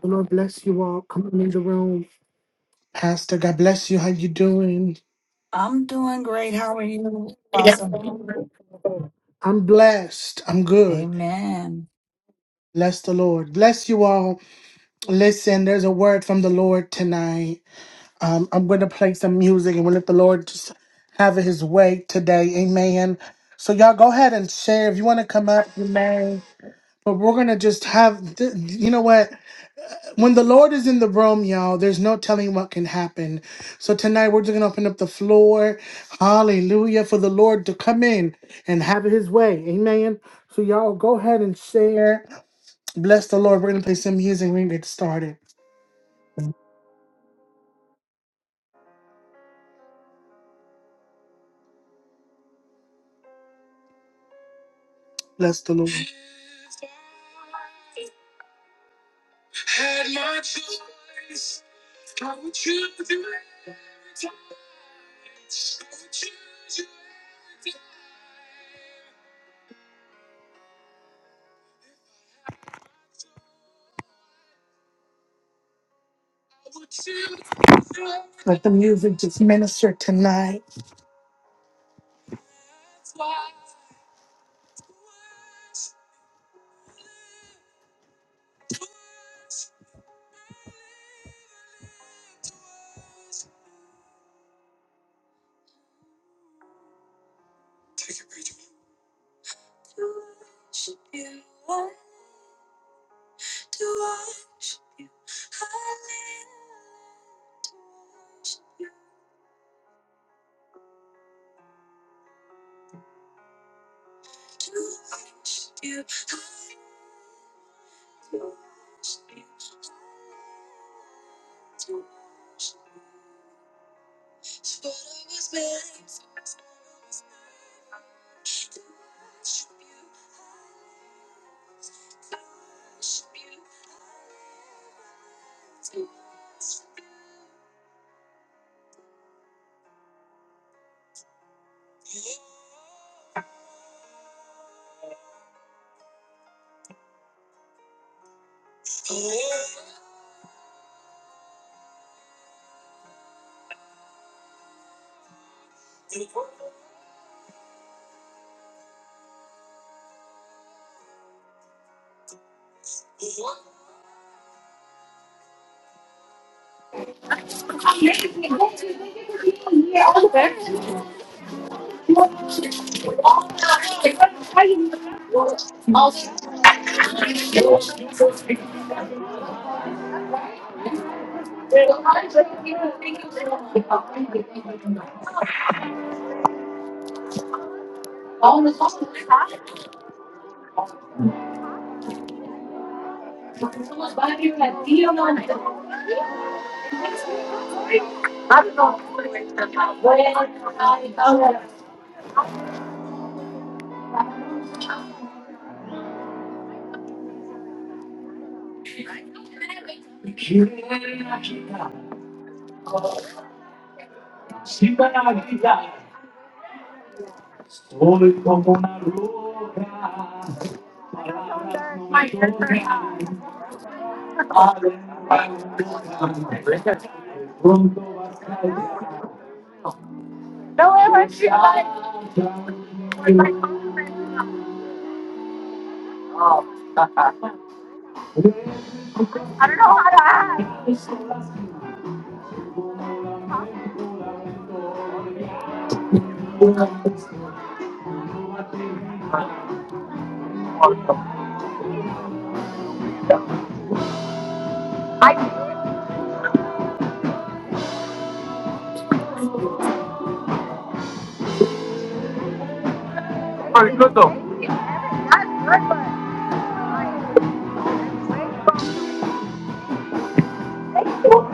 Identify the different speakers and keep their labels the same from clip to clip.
Speaker 1: The Lord bless you all. Come on in the room. Pastor, God bless you. How you doing?
Speaker 2: I'm doing great. How are you? Awesome.
Speaker 1: I'm blessed. I'm good.
Speaker 2: Amen.
Speaker 1: Bless the Lord. Bless you all. Listen, there's a word from the Lord tonight. Um, I'm going to play some music and we'll let the Lord just have his way today. Amen. So y'all go ahead and share. If you want to come up, you may. But we're going to just have, th- you know what? when the Lord is in the room, y'all, there's no telling what can happen. So tonight we're just gonna open up the floor, hallelujah, for the Lord to come in and have his way. Amen. So y'all go ahead and share. Bless the Lord. We're gonna play some music. We're gonna get started. Bless the Lord. Let the music just minister tonight.
Speaker 3: Amazing. Thank you. Thank you for being here. All the best. How you doing? All the Hoy como una roca, palabras no me tocan, aventuras, pronto vas a callar. I don't know how to act. I pretty good though. That's good,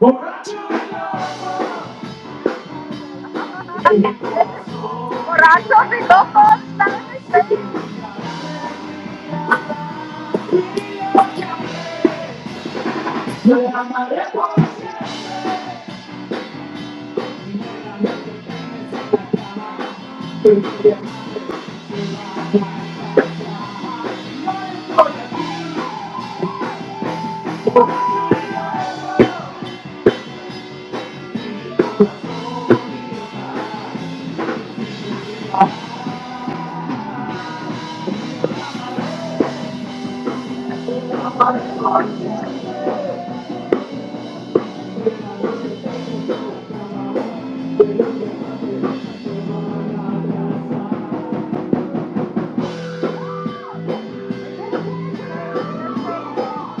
Speaker 3: but thank you. Borracho, mi loco,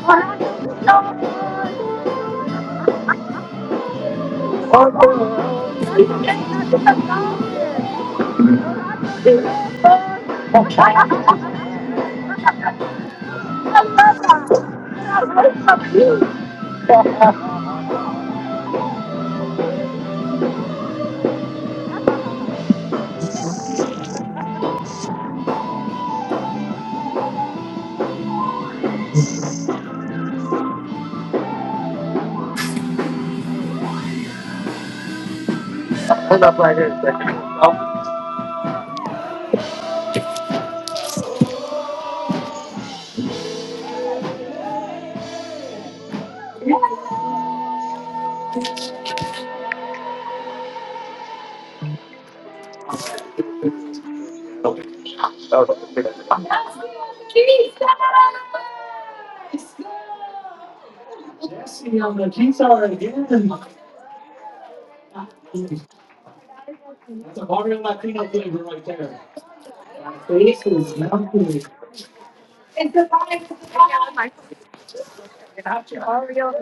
Speaker 3: Jesse on the guitar. Jesse on the guitar again. That's a Mario Latino flavor right there. Faces melting. It's a vibe. It's a vibe. It's a Mario.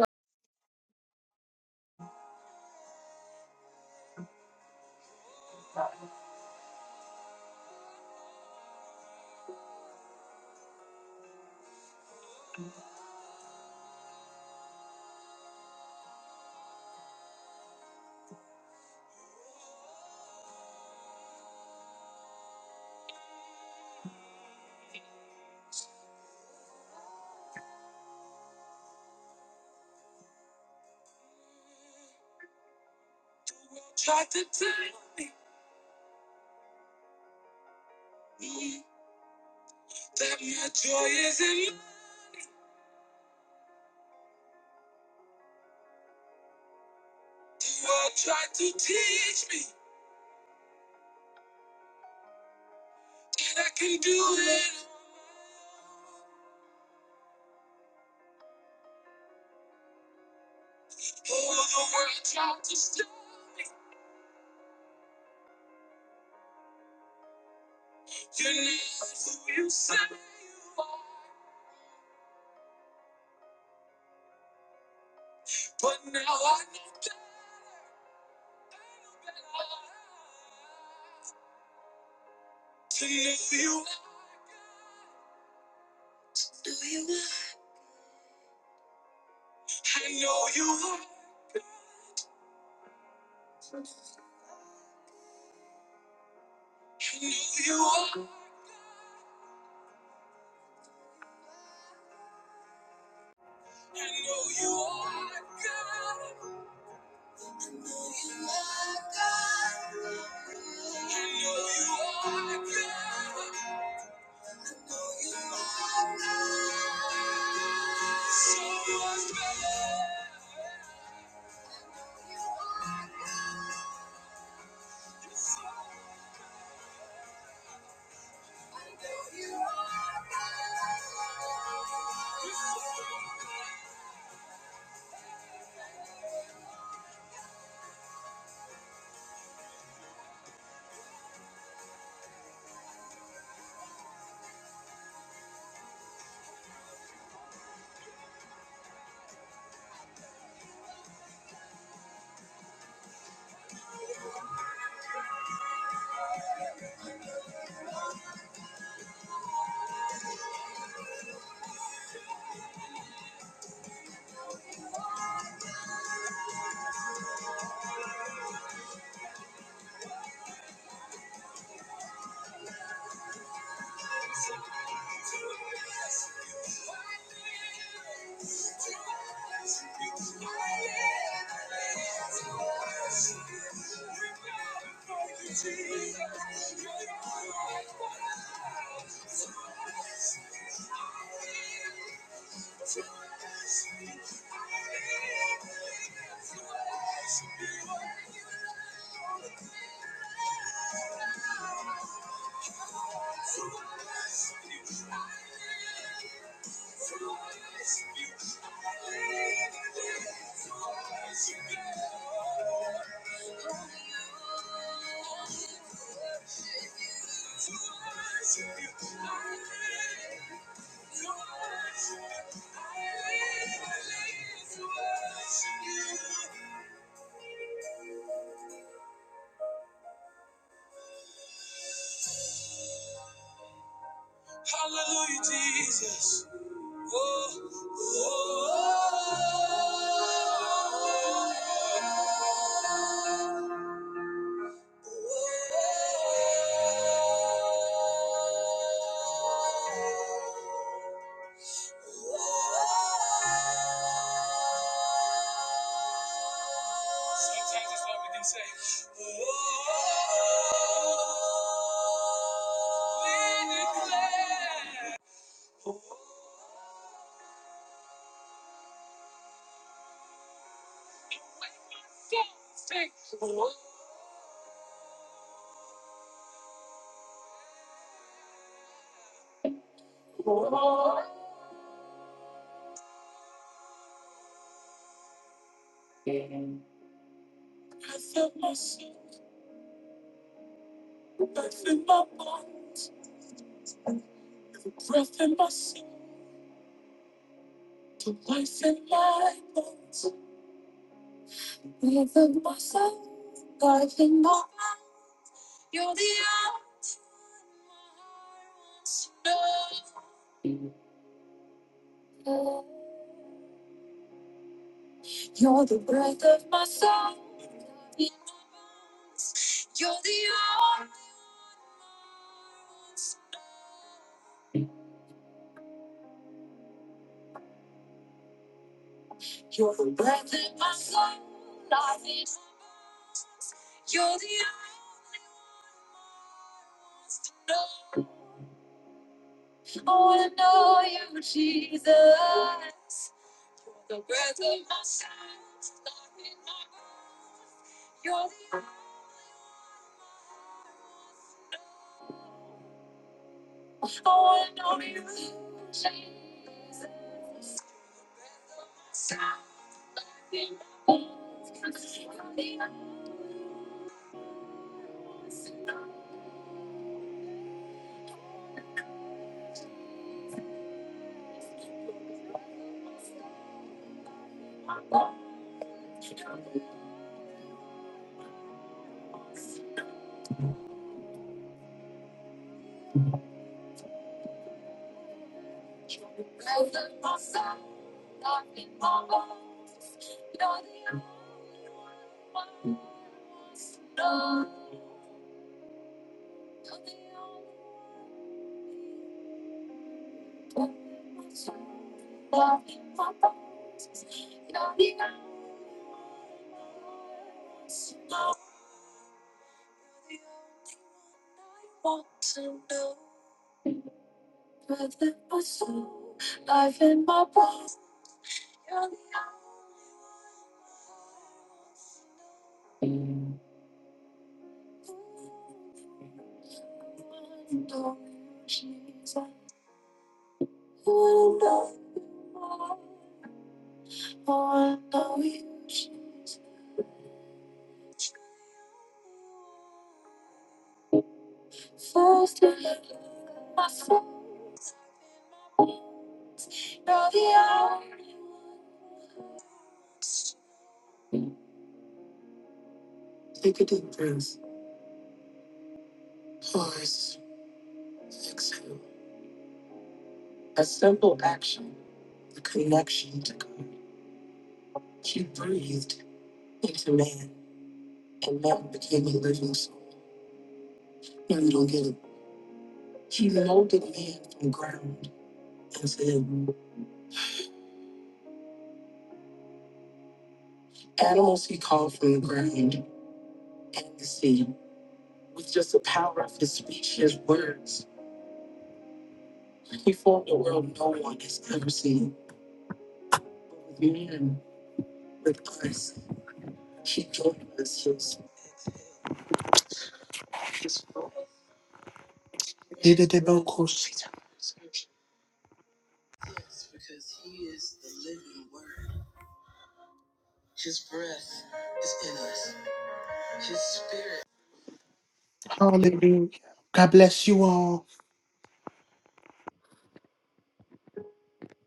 Speaker 1: Hallelujah. God bless you all.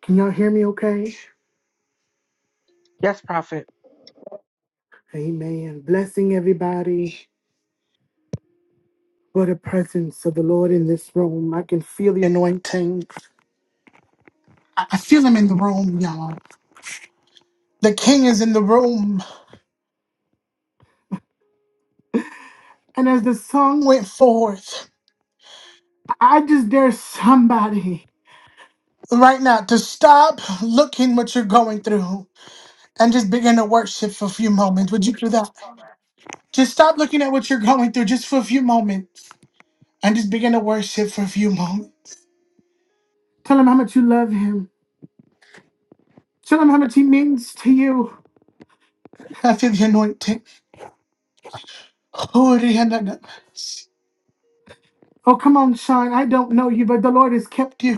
Speaker 1: Can y'all hear me okay?
Speaker 4: Yes, Prophet.
Speaker 1: Amen. Blessing everybody. What a presence of the Lord in this room. I can feel the anointing. I I feel him in the room, y'all. The king is in the room. And as the song went forth, I just dare somebody right now to stop looking what you're going through and just begin to worship for a few moments. Would you do that?
Speaker 5: plumber
Speaker 1: Just stop looking at what you're going through just for a few moments and just begin to worship for a few moments. Tell him how much you love him. Tell him how much he means to you. I feel the anointing. Oriana. Oh, come on, Sean. I don't know you, but the Lord has kept you.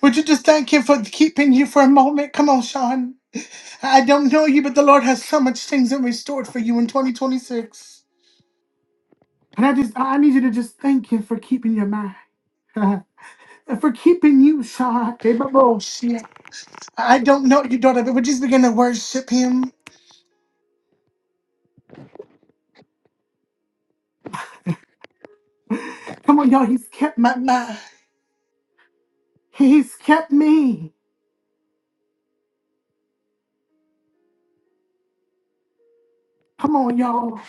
Speaker 1: Would you just thank Him for keeping you for a moment? Come on, Sean. I don't know you, but the Lord has so much things in restored for you in 2026. And I just, I I need you to just thank Him for keeping your mind. And for keeping you, Sean. Hey, but bullshit. I don't know you, daughter, but we're just beginning to worship Him. Come on, y'all. He's kept my mind. He's kept me. Come on, y'all.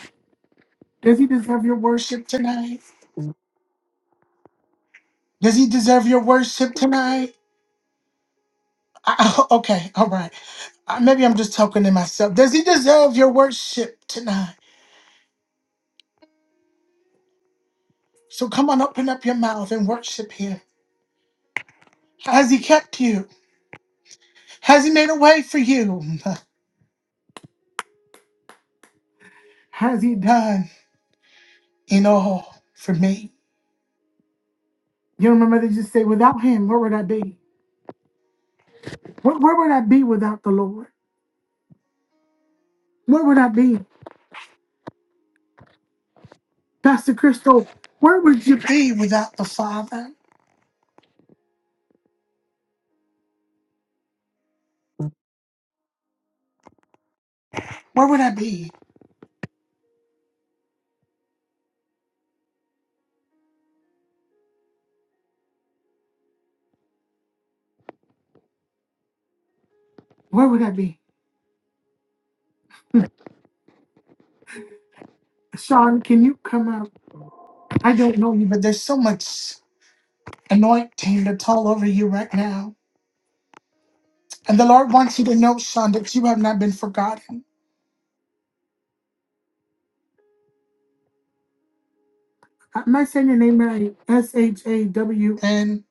Speaker 1: Does He deserve your worship tonight? Does he deserve your worship tonight? I, I- okay, all right. Uh, Maybe I'm just talking to myself. Does he deserve your worship tonight? So come on, open up your mouth and worship him. Has he kept you? Has he made a way for you? Has he done in all for me? You know, my mother just said, without him, where would I be? Where, where would I be without the Lord? Where would I be? Pastor Crystal, where would you be without the Father? Where would I be? Where would I be? Sean, can you come out? I don't know you, but there's so much anointing that's all over you right now. And the Lord wants you to know, Sean, that you have not been forgotten. Am I saying your name right? S H A W N.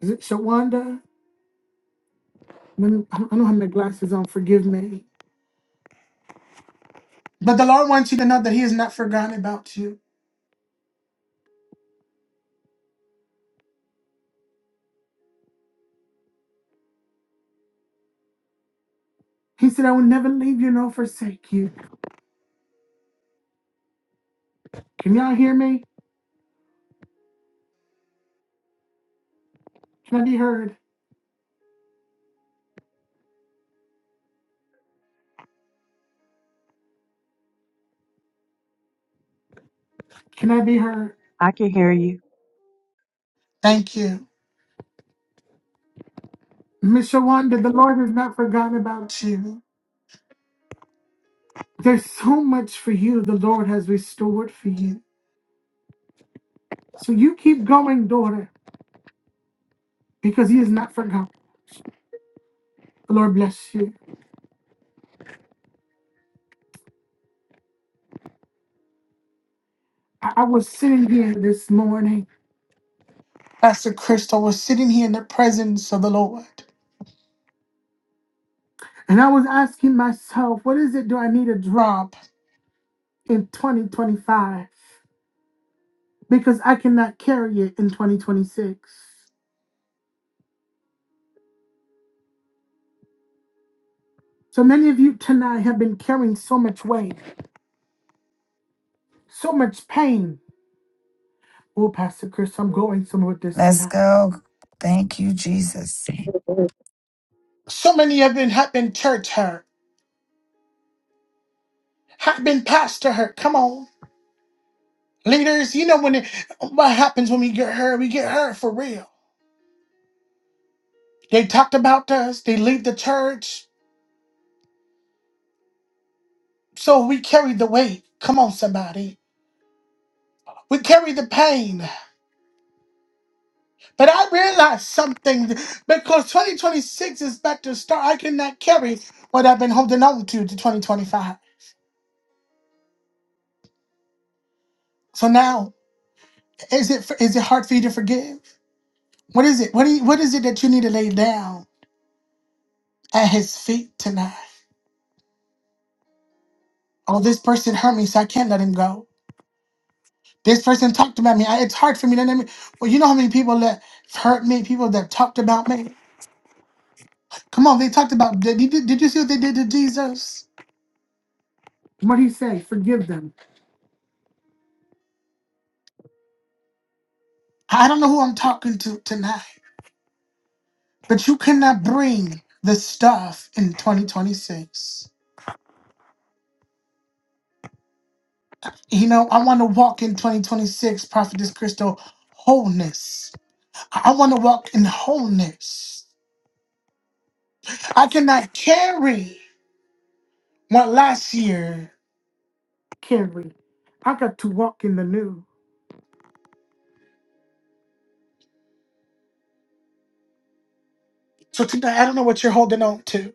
Speaker 1: Is it Shawanda? Let me- I don't have my glasses on. Forgive me. But the Lord wants you to know that He has not forgotten about you. He said, I will never leave you nor forsake you. Can y'all hear me? Can I be heard? Can I be heard?
Speaker 6: I can hear you.
Speaker 1: Thank you. Miss Shawanda, the Lord has not forgotten about you. There's so much for you the Lord has restored for you. So you keep going, daughter, because He is not forgotten. The Lord bless you. I, I was sitting here this morning, Pastor Crystal was sitting here in the presence of the Lord. And I was asking myself, what is it do I need to drop in 2025? Because I cannot carry it in 2026. So many of you tonight have been carrying so much weight, so much pain. Oh, Pastor Chris, I'm going somewhere with this
Speaker 2: Let's
Speaker 1: tonight.
Speaker 2: go. Thank you, Jesus.
Speaker 1: So many have been have been church hurt, have been pastor hurt. Come on, leaders, you know when it, what happens when we get hurt? We get hurt for real. They talked about us. They leave the church, so we carry the weight. Come on, somebody. We carry the pain. But I realized something because 2026 is about to start. I cannot carry what I've been holding on to to 2025. So now, is it is it hard for you to forgive? What is it? What do you, what is it that you need to lay down at His feet tonight? Oh, this person hurt me, so I can't let him go. This person talked about me. I, it's hard for me to let me. Well, you know how many people that hurt me, people that talked about me. Come on, they talked about. Did, did, did you see what they did to Jesus? What do you say? Forgive them. I don't know who I'm talking to tonight, but you cannot bring the stuff in 2026. You know, I want to walk in 2026, Prophetess Crystal, wholeness. I want to walk in wholeness. I cannot carry what last year. Carry. I got to walk in the new. So tonight, I don't know what you're holding on to.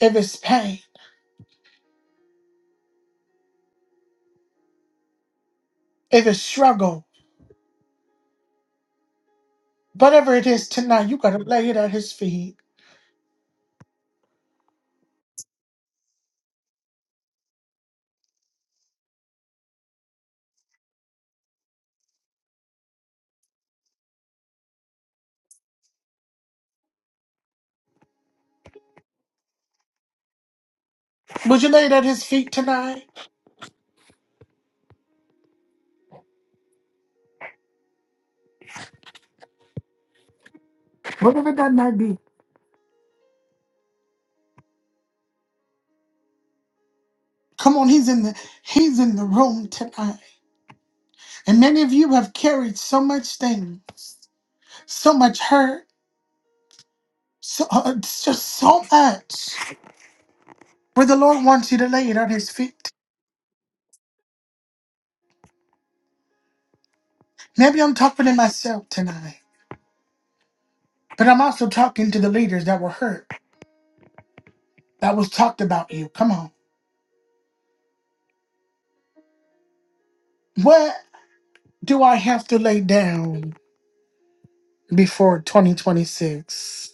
Speaker 1: If it's pain, if it's struggle, whatever it is tonight, you gotta lay it at his feet. Would you lay it at his feet tonight? Whatever that might be. Come on, he's in the he's in the room tonight. And many of you have carried so much thing, so much hurt, so uh, it's just so much. Where the Lord wants you to lay it at his feet. Maybe I'm talking to myself tonight, but I'm also talking to the leaders that were hurt. that was talked about you. Come on. What do I have to lay down before 2026?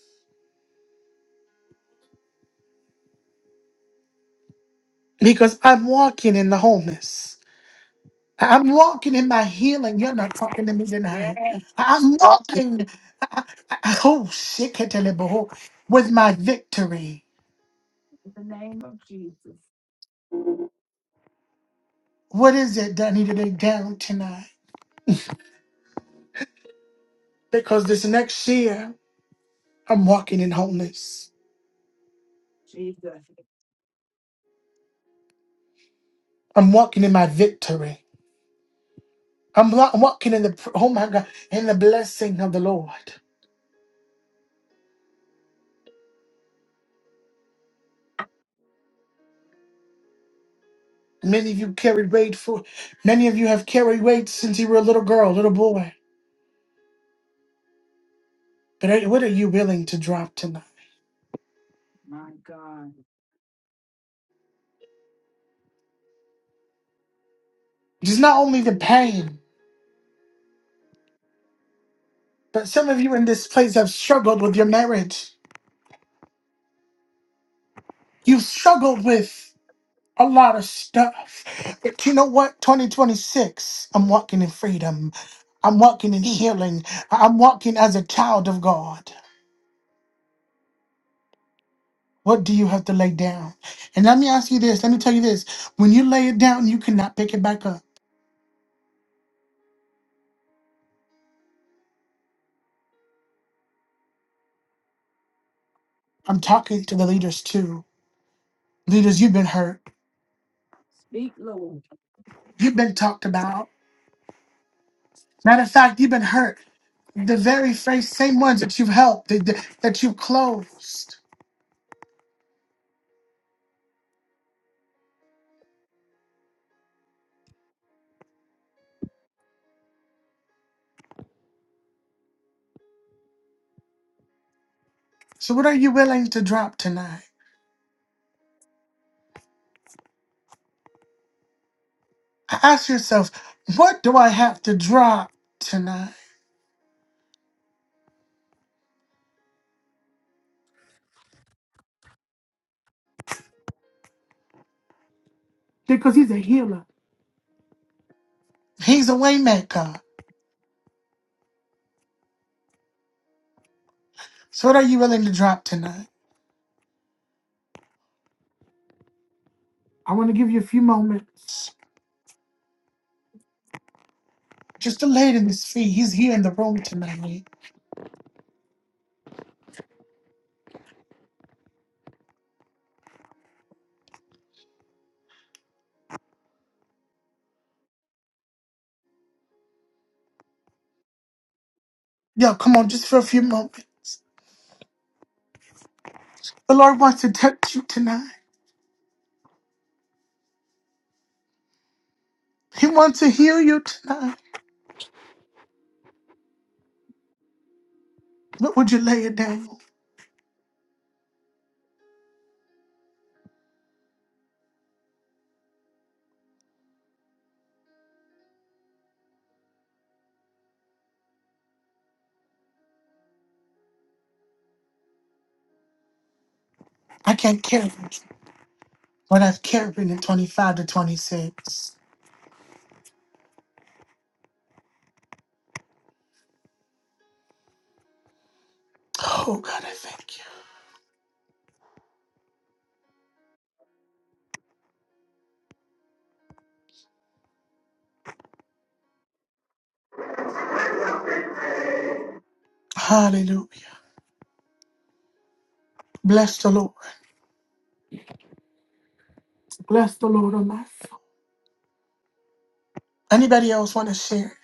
Speaker 1: Because I'm walking in the wholeness. I'm walking in my healing. You're not talking to me
Speaker 2: Yeah,
Speaker 1: tonight. I'm walking I, I, I- oh, shit, Ketelebaho, with my victory.
Speaker 2: in the name of Jesus.
Speaker 1: What is it that I need to lay down tonight? Because this next year, I'm walking in wholeness.
Speaker 2: Jesus,
Speaker 1: I'm walking in my victory. I'm wa- walking in the, pr- oh my God, in the blessing of the Lord. Many of you carried weight for many of you have carried weight since you were a little girl, little boy. But are- what are you willing to drop tonight?
Speaker 2: my God.
Speaker 1: It's not only the pain, but some of you in this place have struggled with your marriage. You've struggled with a lot of stuff. But you know what? 2026, I'm walking in freedom. I'm walking in healing. I- I'm walking as a child of God. What do you have to lay down? And let me ask you this. Let me tell you this. When you lay it down, you cannot pick it back up. I'm talking to the leaders too. Leaders, you've been hurt.
Speaker 2: Speak, Lord.
Speaker 1: You've been talked about. Matter of fact, you've been hurt. The very phrase, same ones that you've helped, that, that that you've closed. So, what are you willing to drop tonight? Ask yourself, what do I have to drop tonight? Because he's a healer, he's a waymaker. So, what are you willing to drop tonight? I want to give you a few moments just to lay it in his feet. He's here in the room tonight. Yo, come on, just for a few moments. The Lord wants to touch you tonight. He wants to heal you tonight. What would you lay it down? I can't carry it. What I've carried in 25 to 26. Oh God, I thank you. Hallelujah. Bless the Lord. Bless the Lord on my soul. Anybody else want to share?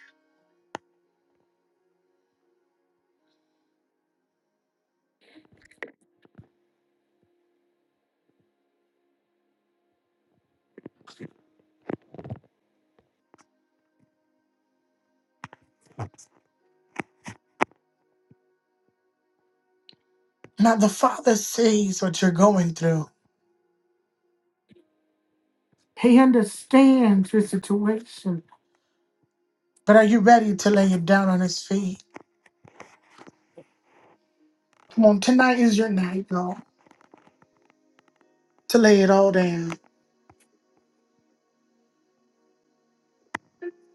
Speaker 1: Now the Father sees what you're going through. He understands your situation. But are you ready to lay it down on his feet? Come on, tonight is your night, y'all. To lay it all down.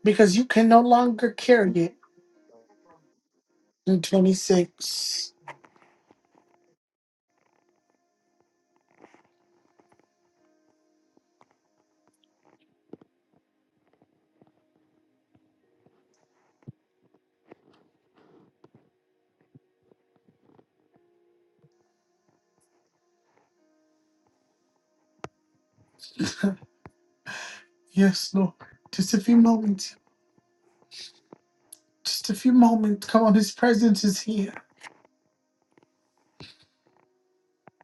Speaker 1: Because you can no longer carry it in 26. Yes, Lord. Just a few moments. Just a few moments. Come on, His presence is here.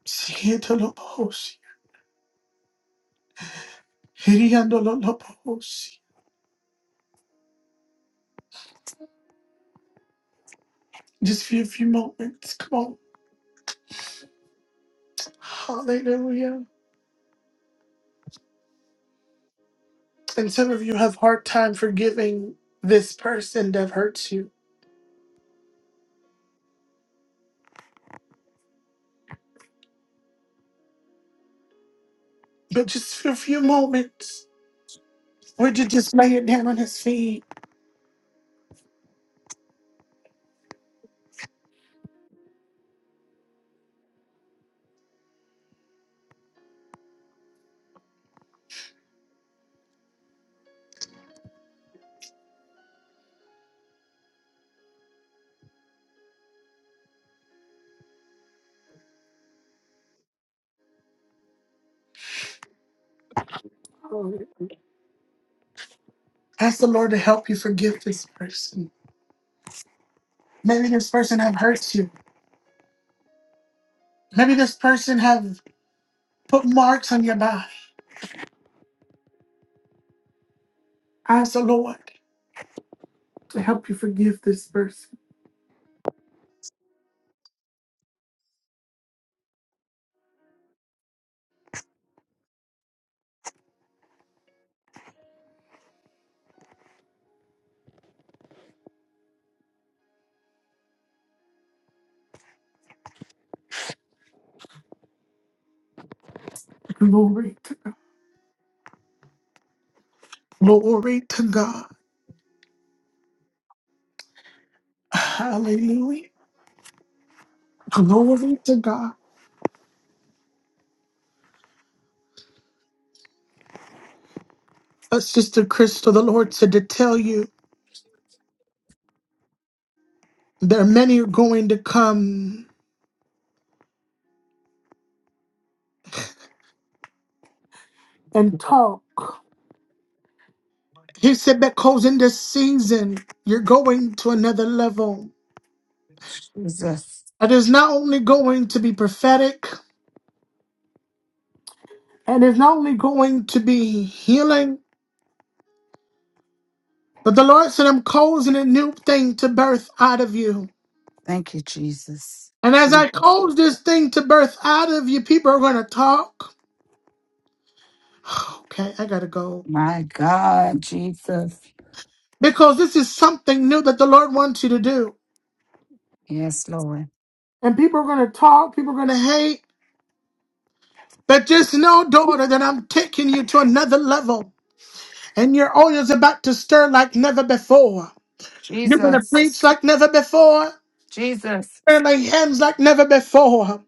Speaker 1: Sietolobosi. Hiriandololobosi. Just for a few moments. Come on. Hallelujah. And some of you have hard time forgiving this person that hurts you. But just for a few moments, would you just lay it down on his feet? Ask the Lord to help you forgive this person. Maybe this person have hurt you. Maybe this person have put marks on your body. Ask the Lord. to help you forgive this person. Glory to God. Glory to God. Hallelujah. Glory to God. Uh, Sister Crystal, the Lord said to tell you there are many who are going to come and talk. He said because in this season, you're going to another level.
Speaker 2: Jesus.
Speaker 1: It is not only going to be prophetic, and it's not only going to be healing, but the Lord said, I'm causing a new thing to birth out of you.
Speaker 2: Thank you, Jesus.
Speaker 1: And as I
Speaker 2: Jesus.
Speaker 1: cause this thing to burst out of you, people are going to talk. Okay, I got to go.
Speaker 2: My God, Jesus.
Speaker 1: Because this is something new that the Lord wants you to do.
Speaker 2: Yes, Lord.
Speaker 1: And people are going to talk, people are going to hate. But just know, daughter, that I'm taking you to another level. And your oil is about to stir like never before. You're going to
Speaker 2: Jesus.
Speaker 1: preach like never before.
Speaker 2: Jesus.
Speaker 1: You're going to lay hands like never before.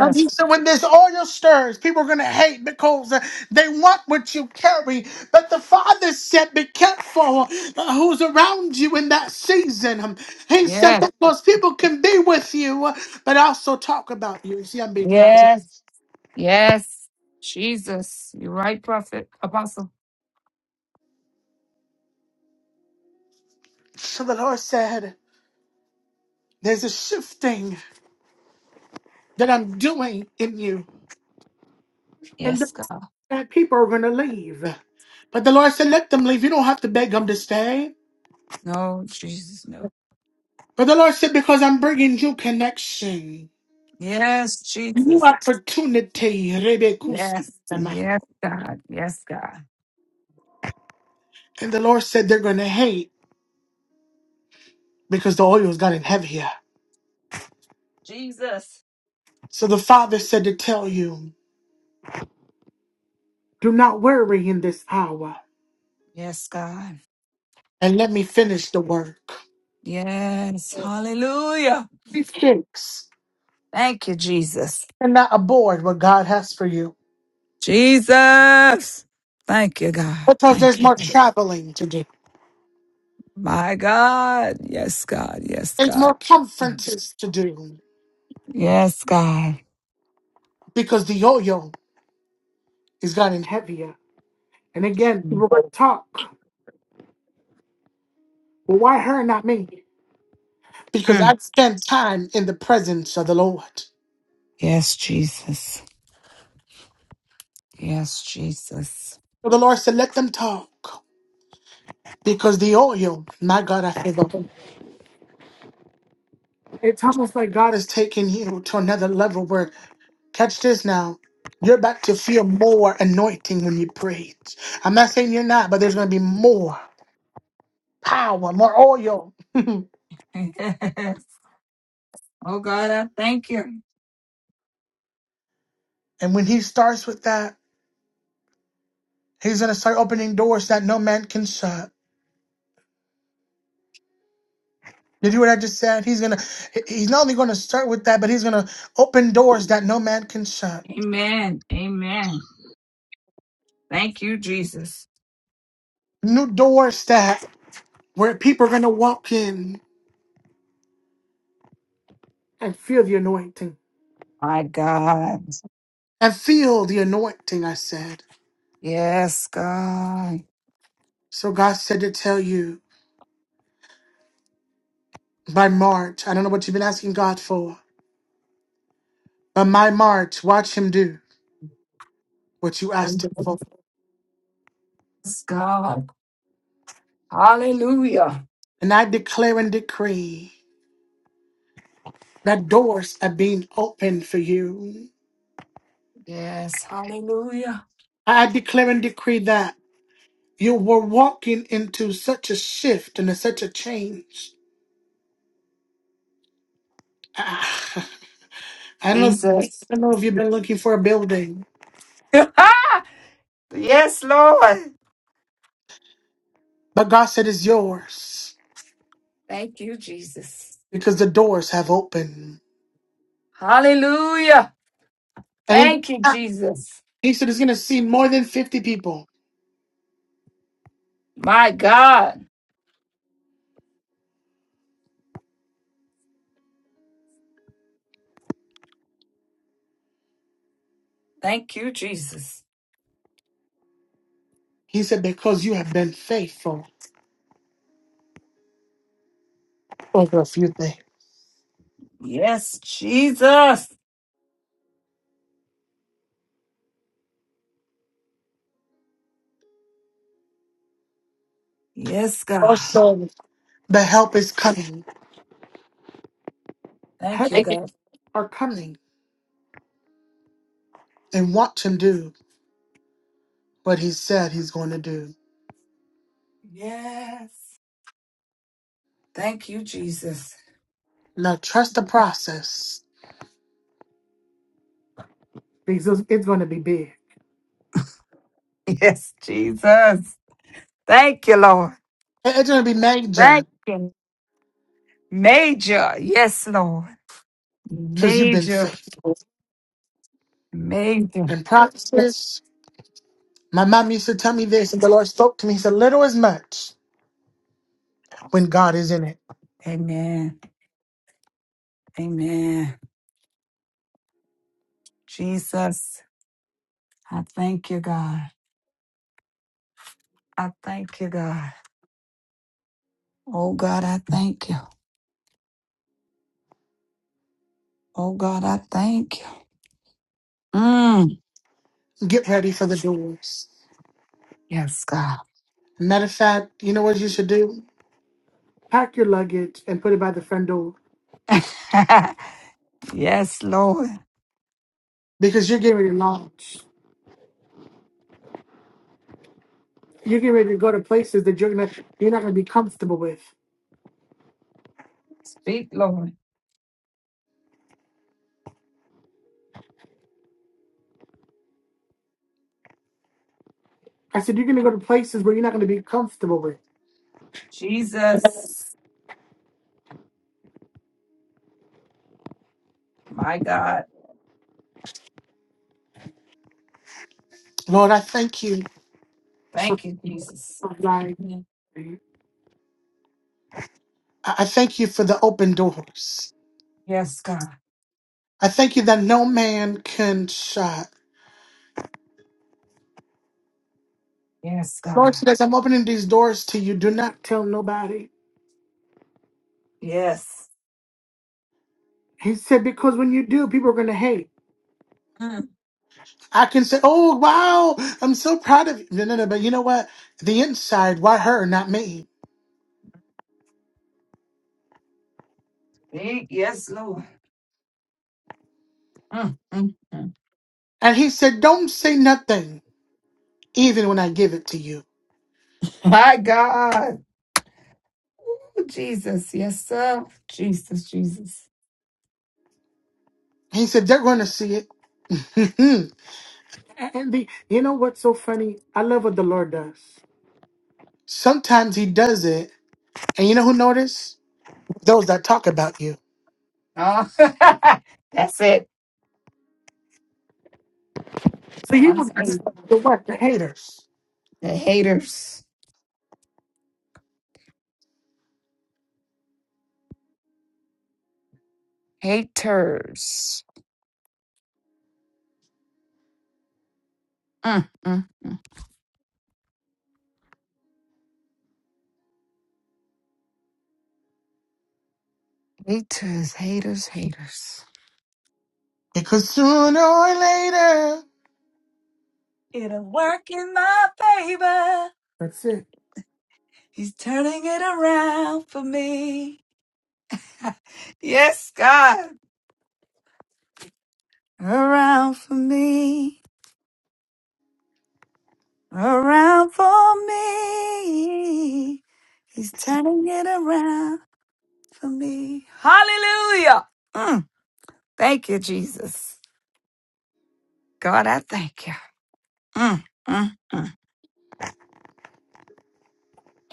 Speaker 1: And he said, when this oil stirs, people are going to hate because uh, they want what you carry. But the Father said, be careful uh, who's around you in that season. Um, He said,
Speaker 2: Yes.
Speaker 1: because people can be with you, uh, but also talk about you. You see, I'm being loud.
Speaker 2: Yes. Yes. Jesus. You're right, prophet. Apostle.
Speaker 1: So the Lord said, there's a shifting that I'm doing in you. And
Speaker 2: Yes, God.
Speaker 1: that people are going to leave. But the Lord said, let them leave. You don't have to beg them to stay.
Speaker 2: No, Jesus, no.
Speaker 1: But the Lord said, because I'm bringing you connection.
Speaker 2: Yes,
Speaker 1: new
Speaker 2: Jesus.
Speaker 1: opportunity. Rebekus.
Speaker 2: Yes.
Speaker 1: And
Speaker 2: Yes, God. Yes, God.
Speaker 1: the Lord said they're going to hate because the oil is getting heavier.
Speaker 2: Jesus.
Speaker 1: So the Father said to tell you, do not worry in this hour
Speaker 2: Yes, God.
Speaker 1: and let me finish the work.
Speaker 2: Yes. Hallelujah.
Speaker 1: Be fixed
Speaker 2: Thank you, Jesus.
Speaker 1: and not aboard what God has for you
Speaker 2: Jesus. Thank you, God.
Speaker 1: because there's
Speaker 2: Thank you,
Speaker 1: more
Speaker 2: God.
Speaker 1: traveling to do.
Speaker 2: My God. Yes, God. Yes,
Speaker 1: There's
Speaker 2: God.
Speaker 1: more
Speaker 2: Yes,
Speaker 1: conferences to do
Speaker 2: Yes, God.
Speaker 1: because the yo-yo is getting heavier. And again, people going to talk. Well, why her, not me? Because I
Speaker 2: Mm.
Speaker 1: spend time in the presence of the Lord.
Speaker 2: Yes, Jesus. Yes, Jesus.
Speaker 1: So the Lord said, let them talk because the oil, my God, I feel the It's almost like God is taking you to another level where, catch this now, you're about to feel more anointing when you preach. I'm not saying you're not, but there's going to be more power, more oil. and
Speaker 2: Yes. Oh, God, I thank you.
Speaker 1: when he starts with that, he's going to start opening doors that no man can shut. Did you hear what I just said? He's gonna. He's not only gonna start with that, but he's gonna open doors that no man can shut.
Speaker 2: Amen. Amen. Thank you, Jesus.
Speaker 1: New doors that where people are gonna walk in And feel the anointing.
Speaker 2: My God.
Speaker 1: And feel the anointing, I said.
Speaker 2: Yes, God.
Speaker 1: So God said to tell you by March, I don't know what you've been asking God for, but by March, watch Him do what you asked Him for.
Speaker 2: Yes, God. Hallelujah.
Speaker 1: And I declare and decree that doors are being opened for you.
Speaker 2: Yes. Hallelujah.
Speaker 1: I declare and decree that you were walking into such a shift and such a change. Ah, I don't know.
Speaker 2: Jesus.
Speaker 1: I don't know if you've been looking for a building,
Speaker 2: yes, Lord.
Speaker 1: but God said it's yours.
Speaker 2: Thank you, Jesus.
Speaker 1: because the doors have opened.
Speaker 2: Hallelujah.
Speaker 1: And in the
Speaker 2: Thank you,
Speaker 1: town,
Speaker 2: Jesus.
Speaker 1: he said, it's going to see more than 50 people.
Speaker 2: My God. Thank you, Jesus.
Speaker 1: He said, because you have been faithful over a few things.
Speaker 2: Yes, Jesus. Yes, God.
Speaker 1: Also, the help is coming.
Speaker 2: Thank
Speaker 1: Help
Speaker 2: you, God.
Speaker 1: are coming and want to do what he said he's going to do.
Speaker 2: Yes. Thank you, Jesus.
Speaker 1: Now, trust the process because it's going to be big. It-
Speaker 2: Yes, Jesus. Thank you, Lord.
Speaker 1: It's going to be major
Speaker 2: Thank you. Major. Yes, Lord.
Speaker 1: because you've been
Speaker 2: Major.
Speaker 1: faithful.
Speaker 2: Major.
Speaker 1: And process, my mom used to tell me this, and the Lord spoke to me. He said, little is much when God is in it.
Speaker 2: Amen. Amen. Jesus, I thank you, God. I thank you, God. Oh, God, I thank you. Oh, God, I thank you. Mm.
Speaker 1: Get ready for the doors.
Speaker 2: Yes, God.
Speaker 1: Matter of fact, you know what you should do? Pack your luggage and put it by the front door
Speaker 2: yes, Lord.
Speaker 1: because you're getting ready to launch. You're getting ready to go to places that you're gonna you're not gonna be comfortable with.
Speaker 2: Speak, Lord.
Speaker 1: I said you're gonna go to places where you're not gonna be comfortable with.
Speaker 2: Jesus, my God.
Speaker 1: Lord, I thank you for
Speaker 2: Thank you, Jesus.
Speaker 1: life. I I thank you for the open doors.
Speaker 2: Yes, God.
Speaker 1: I thank you that no man can shut.
Speaker 2: Yes, God.
Speaker 1: Lord, said, as I'm opening these doors to you, do not tell nobody.
Speaker 2: Yes.
Speaker 1: He said, because when you do, people are gonna hate.
Speaker 2: Mm.
Speaker 1: I can say, "Oh wow, I'm so proud of you." No, no, no. But you know what? The inside, why her, not me?
Speaker 2: Ye- Yes, Lord. Mm, mm, mm.
Speaker 1: And he said, "Don't say nothing, even when I give it to you."
Speaker 2: My God. Ooh, Jesus. Yes, sir. Jesus, Jesus.
Speaker 1: He said, "They're going to see it." and the, you know what's so funny? I love what the Lord does. Sometimes He does it, and you know who notice? Those that talk about you.
Speaker 2: Oh, that's it.
Speaker 1: So He will
Speaker 2: Once hate.
Speaker 1: the what? The haters.
Speaker 2: The haters. Haters. Mm, mm, mm. Haters, haters, haters.
Speaker 1: Because sooner or later,
Speaker 2: It'll work in my favor.
Speaker 1: that's it.
Speaker 2: He's turning it around for me. Yes, God. Around for me. around for me. He's turning it around for me. Hallelujah. Mm, thank you, Jesus. God, I thank you. Mm, mm, mm.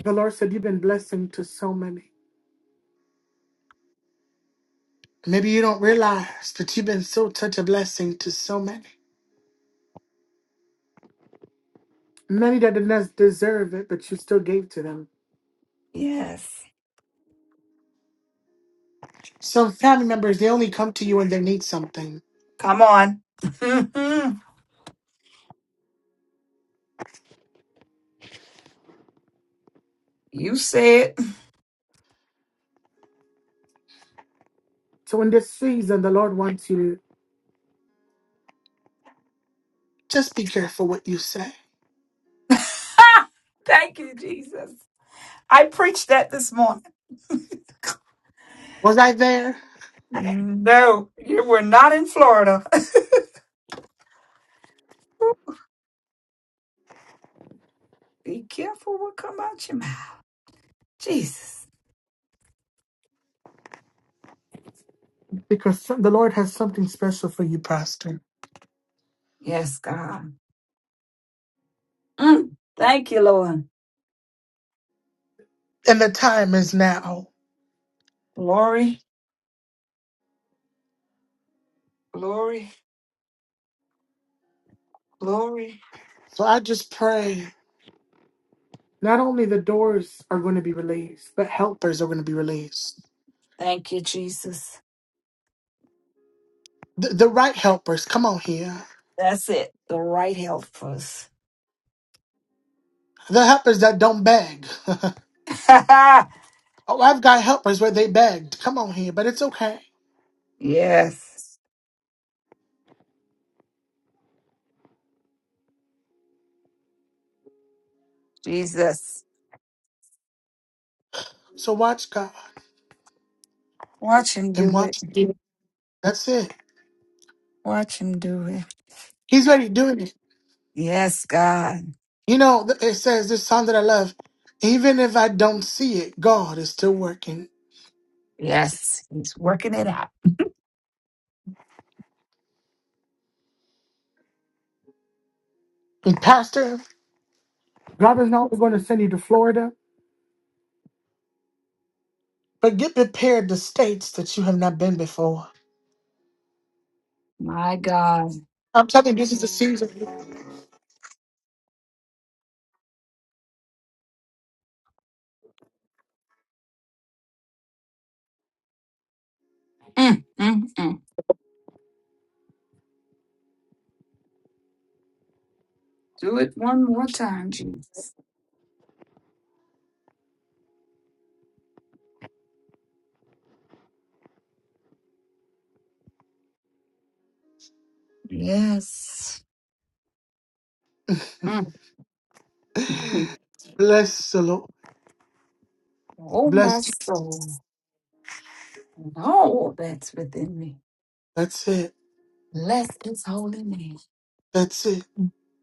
Speaker 1: The Lord said, "You've been blessing to so many." Maybe you don't realize that you've been so such a blessing to so many. Many that did not deserve it, but you still gave to them.
Speaker 2: Yes.
Speaker 1: Some family members, they only come to you when they need something.
Speaker 2: Come on. Mhm. you said.
Speaker 1: So in this season, the Lord wants you to just be careful what you say.
Speaker 2: thank you, Jesus. I preached that this morning.
Speaker 1: Was I there?
Speaker 2: No, you were not in Florida. Be careful what come out your mouth. Jesus.
Speaker 1: Because some- the Lord has something special for you, Pastor.
Speaker 2: Yes, God. Mm, thank you, Lord.
Speaker 1: And the time is now.
Speaker 2: Glory, glory, glory.
Speaker 1: So I just pray not only the doors are going to be released, but helpers are going to be released.
Speaker 2: Thank you, Jesus.
Speaker 1: The, the right helpers, come on here.
Speaker 2: That's it. The right help for us.
Speaker 1: The helpers that don't beg. Oh, I've got helpers where they begged. Come on here, but it's okay.
Speaker 2: yes, Jesus.
Speaker 1: So watch God
Speaker 2: Watch him
Speaker 1: and
Speaker 2: do it.
Speaker 1: watch. That's it.
Speaker 2: Watch him do it.
Speaker 1: He's already doing it.
Speaker 2: Yes, God.
Speaker 1: You know, th- it says this song that I love. Even if I don't see it, God is still working.
Speaker 2: Yes, he's working it out.
Speaker 1: And Pastor, God is not going to send you to Florida, but get prepared to states that you have not been before.
Speaker 2: My God.
Speaker 1: I'm telling you, this is the season.
Speaker 2: Mm, mm, mm. Do it one more time, Jesus. Yes. Mm, mm. mm.
Speaker 1: Bless the Lord.
Speaker 2: Oh, my
Speaker 1: Bless.
Speaker 2: soul. And all that's within me.
Speaker 1: That's it.
Speaker 2: Bless his holy name.
Speaker 1: That's it.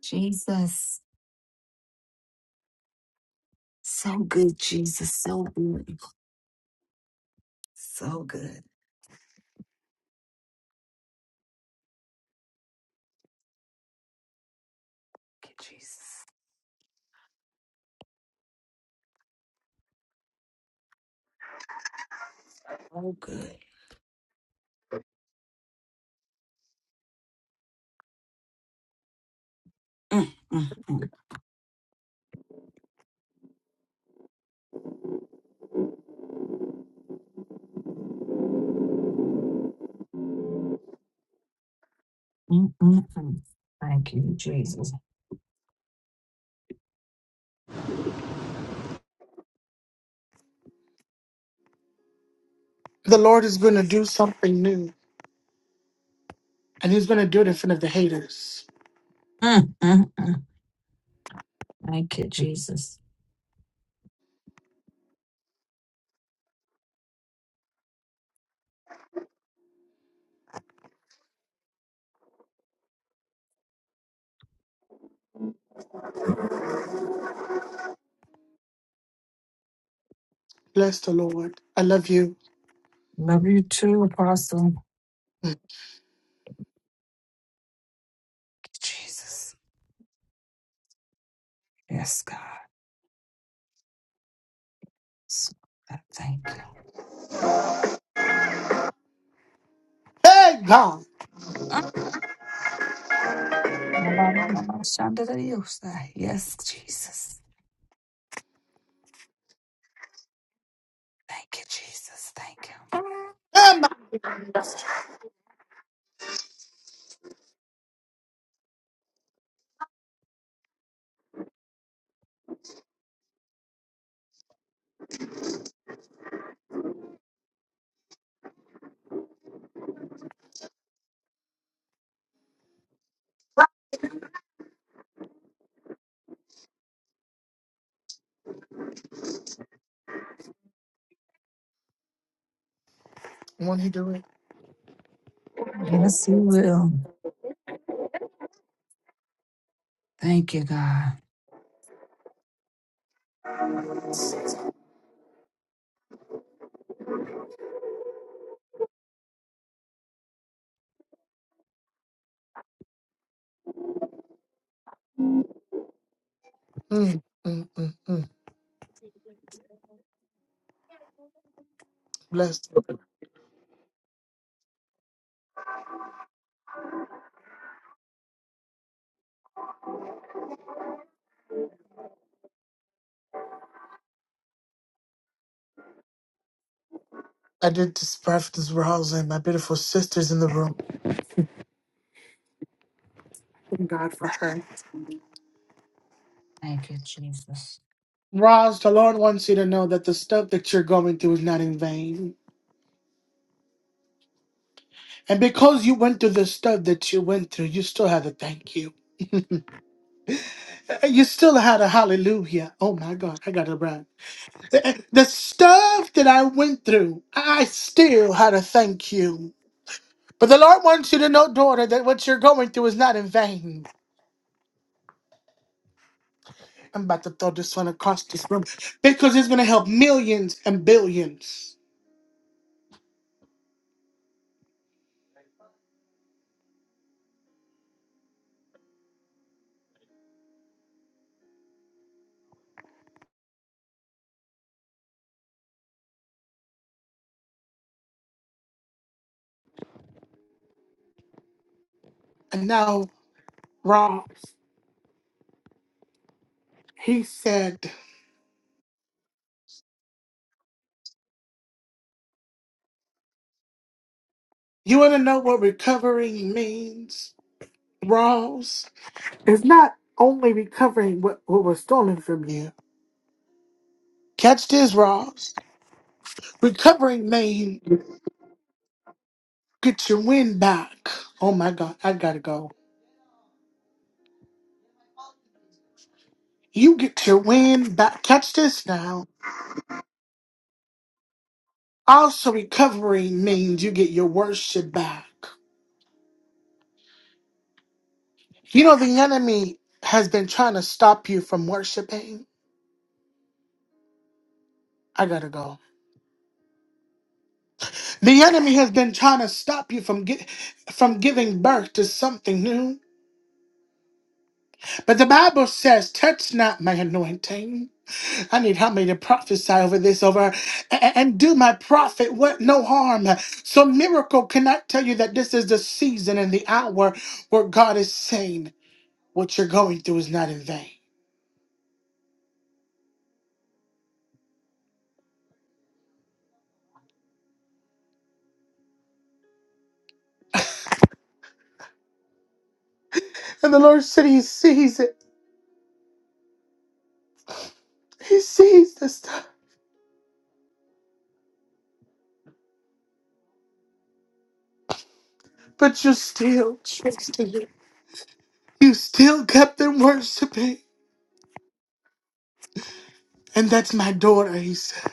Speaker 2: Jesus. So good, Jesus. So good. So good. Thank you, Jesus. So good. Mm, mm, mm, mm, mm, mm. Thank you, Jesus.
Speaker 1: The Lord is going to do something new, and He's going to do it in front of the haters.
Speaker 2: Mm, mm, mm. Thank you, Jesus.
Speaker 1: Bless the Lord. I love you.
Speaker 2: Love you too, Apostle. Thank
Speaker 1: Mm.
Speaker 2: you, Jesus. Yes, God. So- I Thank you.
Speaker 1: Hey, God.
Speaker 2: Mm. My mama, my mama, Shonda, that you say. Yes, Jesus. Thank you, Jesus. Thank you.
Speaker 1: Hey, my- Won't he do it?
Speaker 2: Yes, we will. Thank you, God.
Speaker 1: Mm, mm, mm, mm. Bless. I did this prophetess Roz and my beautiful sisters in the room.
Speaker 2: Thank you, Jesus.
Speaker 1: Roz, the Lord wants you to know that the stuff that you're going through is not in vain. And because you went through the stuff that you went through, you still had a thank you. Uh, You still had a hallelujah. Oh my God, I got to run. The the stuff that I went through, I still had a thank you. But the Lord wants you to know, daughter, that what you're going through is not in vain. I'm about to throw this one across this room because it's going to help millions and billions. And now, Ross, he said, You want to know what recovering means? Ross, it's not only recovering what, what was stolen from you. Catch this, Ross. Recovering means get your wind back. Oh my God, I got to go. You get your wind back. Catch this now. Also, recovery means you get your worship back. You know, the enemy has been trying to stop you from worshiping. I gotta go. The enemy has been trying to stop you from get, from giving birth to something new. But the Bible says, touch not my anointing. I need help me to prophesy over this over a- and do my prophet what no harm. So miracle cannot tell you that this is the season and the hour where God is saying what you're going through is not in vain. And the Lord said he sees it. He sees the stuff. But you still, you still kept them worshiping. And that's my daughter, he said.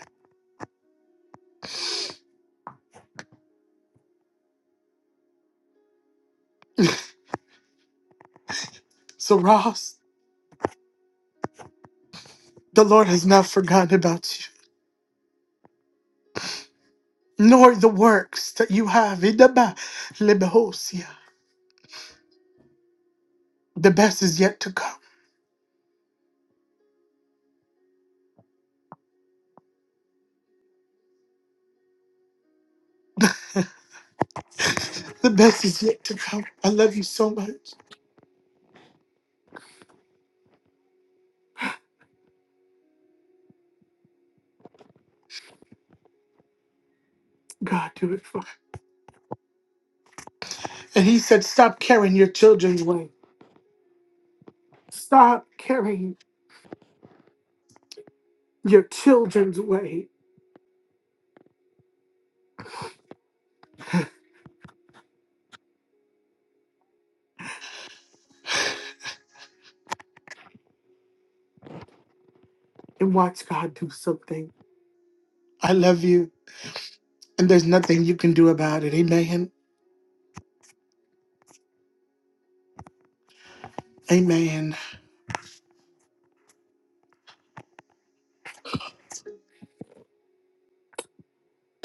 Speaker 1: So Ross, the Lord has not forgotten about you, nor the works that you have. Idaba lebehosia. The best is yet to come. The best is yet to come. I love you so much. God, do it for me. And he said, stop carrying your children's weight. Stop carrying your children's weight and watch God do something. I love you. And there's nothing you can do about it. Amen. Amen.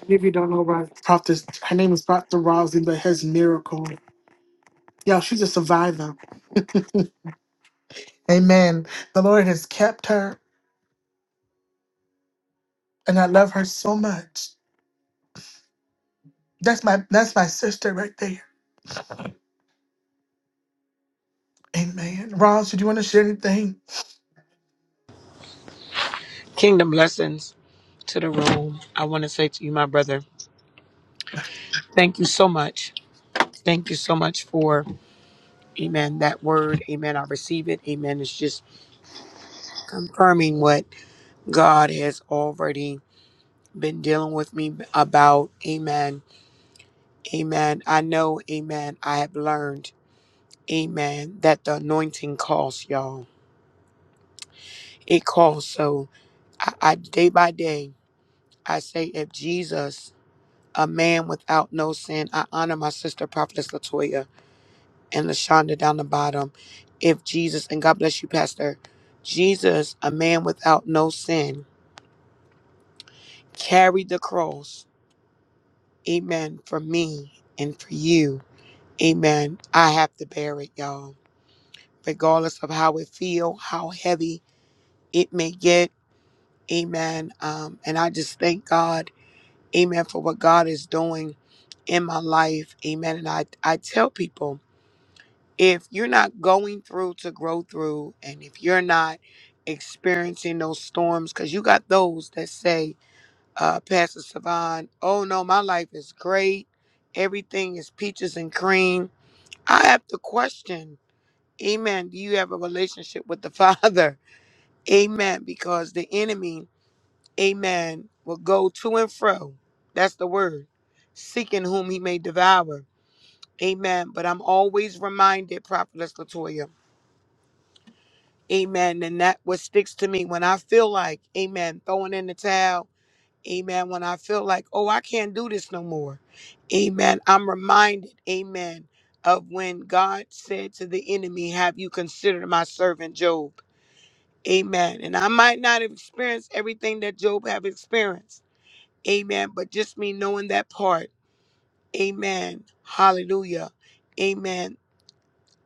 Speaker 1: If you don't know about Prophet, her name is Dr. Rosie, but has miracle. Y'all, she's a survivor. Amen. The Lord has kept her, and I love her so much. That's my that's my sister right there. Amen. Roz, did you want to share anything?
Speaker 7: Kingdom blessings to the room. I want to say to you, my brother, thank you so much. Thank you so much for, amen, that word. Amen. I receive it. Amen. It's just confirming what God has already been dealing with me about. Amen. Amen. I know, amen, I have learned, amen, that the anointing costs, y'all. It costs. So I, I day by day, I say, if Jesus, a man without no sin, I honor my sister, Prophetess Latoya and Lashonda down the bottom. If Jesus, and God bless you, Pastor, Jesus, a man without no sin, carried the cross. Amen. For me and for you. Amen. I have to bear it, y'all. Regardless of how it feel, how heavy it may get. Amen. Um, and I just thank God. Amen. For what God is doing in my life. Amen. And I, I tell people. if you're not going through to grow through and if you're not experiencing those storms because you got those that say uh pastor savan oh no my life is great everything is peaches and cream i have to question amen do you have a relationship with the father amen because the enemy amen will go to and fro that's the word seeking whom he may devour amen but i'm always reminded prophetess latoya Amen. And that what sticks to me when I feel like, amen, throwing in the towel. Amen. When I feel like, oh, I can't do this no more. Amen. I'm reminded, amen, of when God said to the enemy, Have you considered my servant Job? Amen. And I might not have experienced everything that Job have experienced. Amen. But just me knowing that part. Amen. Hallelujah. Amen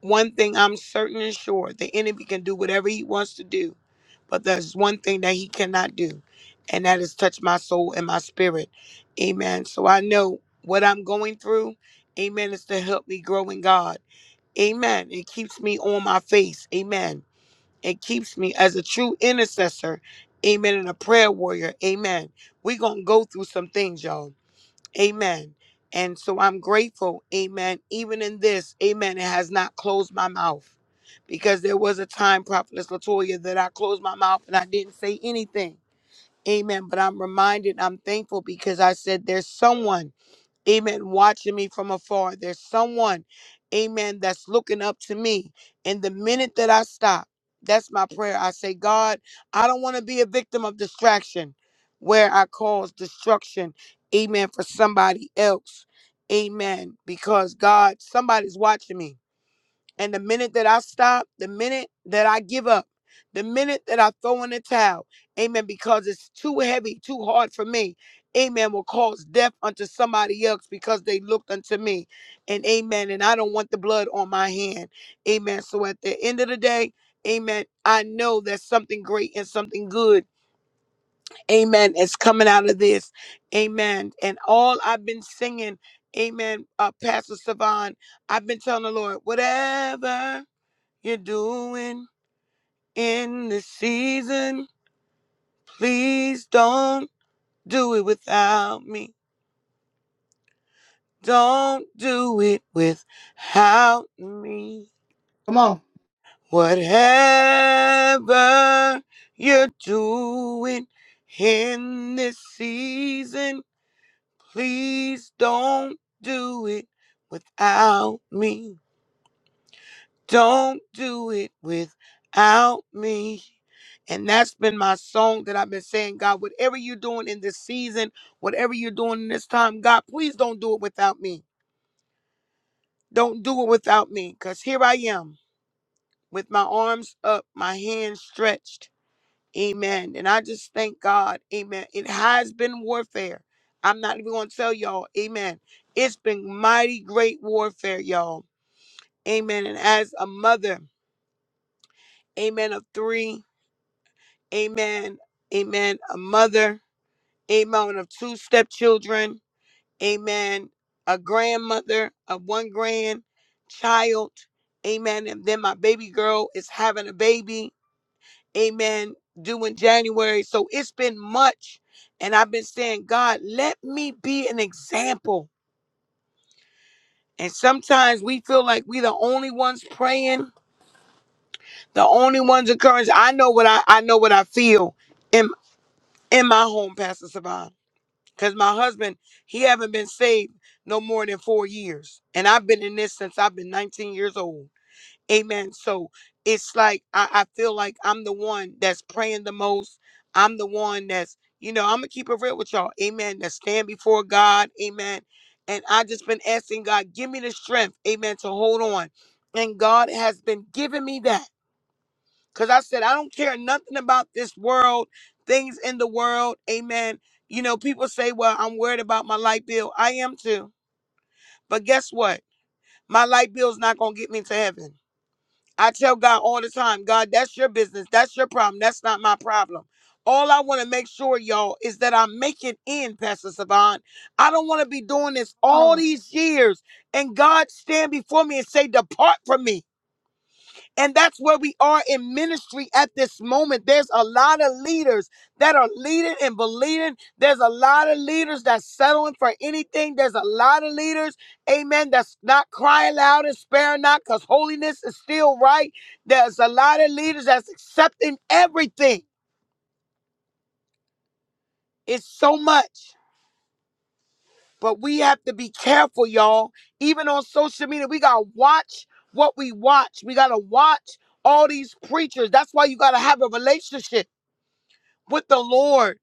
Speaker 7: one thing I'm certain and sure the enemy can do whatever he wants to do, but there's one thing that he cannot do, and that is touch my soul and my spirit. Amen. So I know what I'm going through, amen, is to help me grow in God. Amen. It keeps me on my face. Amen. It keeps me as a true intercessor. Amen. And a prayer warrior. Amen. We're going to go through some things, y'all. Amen. And so I'm grateful. Amen. Even in this, amen, it has not closed my mouth. Because there was a time, Prophetess Latoya, that I closed my mouth and I didn't say anything. Amen. But I'm reminded, I'm thankful because I said there's someone amen, watching me from afar. There's someone, amen, that's looking up to me. And the minute that I stop, that's my prayer. I say, God, I don't want to be a victim of distraction where I cause destruction, amen, for somebody else. Amen. Because God, somebody's watching me. And the minute that I stop, the minute that I give up, the minute that I throw in the towel, amen, because it's too heavy, too hard for me, amen, will cause death unto somebody else because they looked unto me. And amen. And I don't want the blood on my hand. Amen. So at the end of the day, amen, I know that something great and something good, amen, is coming out of this. Amen. And all I've been singing, amen, uh, Pastor Savan, I've been telling the Lord, whatever you're doing in this season. Please don't do it without me. Don't do it without me.
Speaker 1: Come on.
Speaker 7: Whatever you're doing in this season, please don't do it without me. Don't do it without me. And that's been my song that I've been saying, God, whatever you're doing in this season, whatever you're doing in this time, God, please don't do it without me. Don't do it without me. Because here I am with my arms up, my hands stretched. Amen. And I just thank God. Amen. It has been warfare. I'm not even going to tell y'all. Amen. It's been mighty great warfare, y'all. Amen. And as a mother, amen, of three, amen, amen, a mother, amen, of two stepchildren, amen, a grandmother of one grandchild, amen. And then my baby girl is having a baby, amen, due in January. So it's been much. And I've been saying, God, let me be an example. And sometimes we feel like we the only ones praying, the only ones encouraged. I know what I, I know what I feel in in my home, Pastor Savon. Cause my husband, he haven't been saved no more than four years. And I've been in this since I've been 19 years old. Amen. So it's like I, I feel like I'm the one that's praying the most. I'm the one that's, you know, I'm gonna keep it real with y'all. Amen. That stand before God. Amen. And I just been asking God, give me the strength, amen, to hold on. And God has been giving me that. Because I said, I don't care nothing about this world, things in the world. Amen. You know, people say, well, I'm worried about my light bill. I am too. But guess what? My light bill's not going to get me to heaven. I tell God all the time, God, that's your business. That's your problem. That's not my problem. All I want to make sure, y'all, is that I make it in, Pastor Savan. I don't want to be doing this
Speaker 1: Come
Speaker 7: all
Speaker 1: on.
Speaker 7: these years and God stand before me and say, Depart from me. And that's where we are in ministry at this moment. There's a lot of leaders that are leading and believing. There's a lot of leaders that's settling for anything. There's a lot of leaders, amen, that's not crying loud and sparing not because holiness is still right. There's a lot of leaders that's accepting everything. It's so much. But we have to be careful, y'all. Even on social media, we got to watch what we watch. We got to watch all these preachers. That's why you got to have a relationship. with the Lord.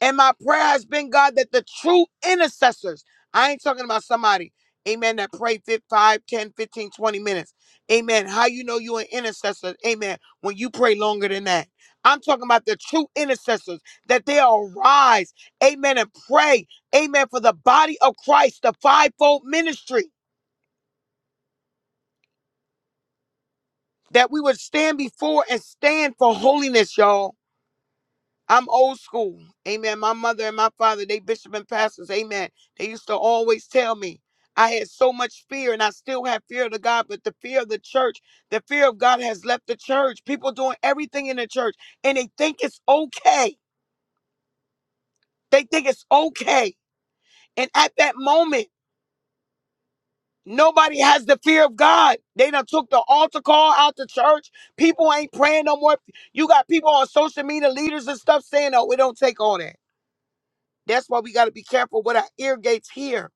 Speaker 7: And my prayer has been, God, that the true intercessors, I ain't talking about somebody, amen, that pray 5, 10, 15, 20 minutes. Amen. How you know you're an intercessor, amen, when you pray longer than that. I'm talking about the true intercessors, that they arise, amen, and pray, amen, for the body of Christ, the fivefold ministry, that we would stand before and stand for holiness, y'all I'm old school. Amen. My mother and my father, they bishop and pastors. Amen. They used to always tell me I had so much fear and I still have fear of the God, but the fear of the church, the fear of God has left the church. People doing everything in the church and they think it's okay. They think it's okay. And at that moment, nobody has the fear of God. They done took the altar call out the church. People ain't praying no more. You got people on social media, leaders and stuff saying, oh, it don't take all that. That's why we got to be careful with our ear gates here.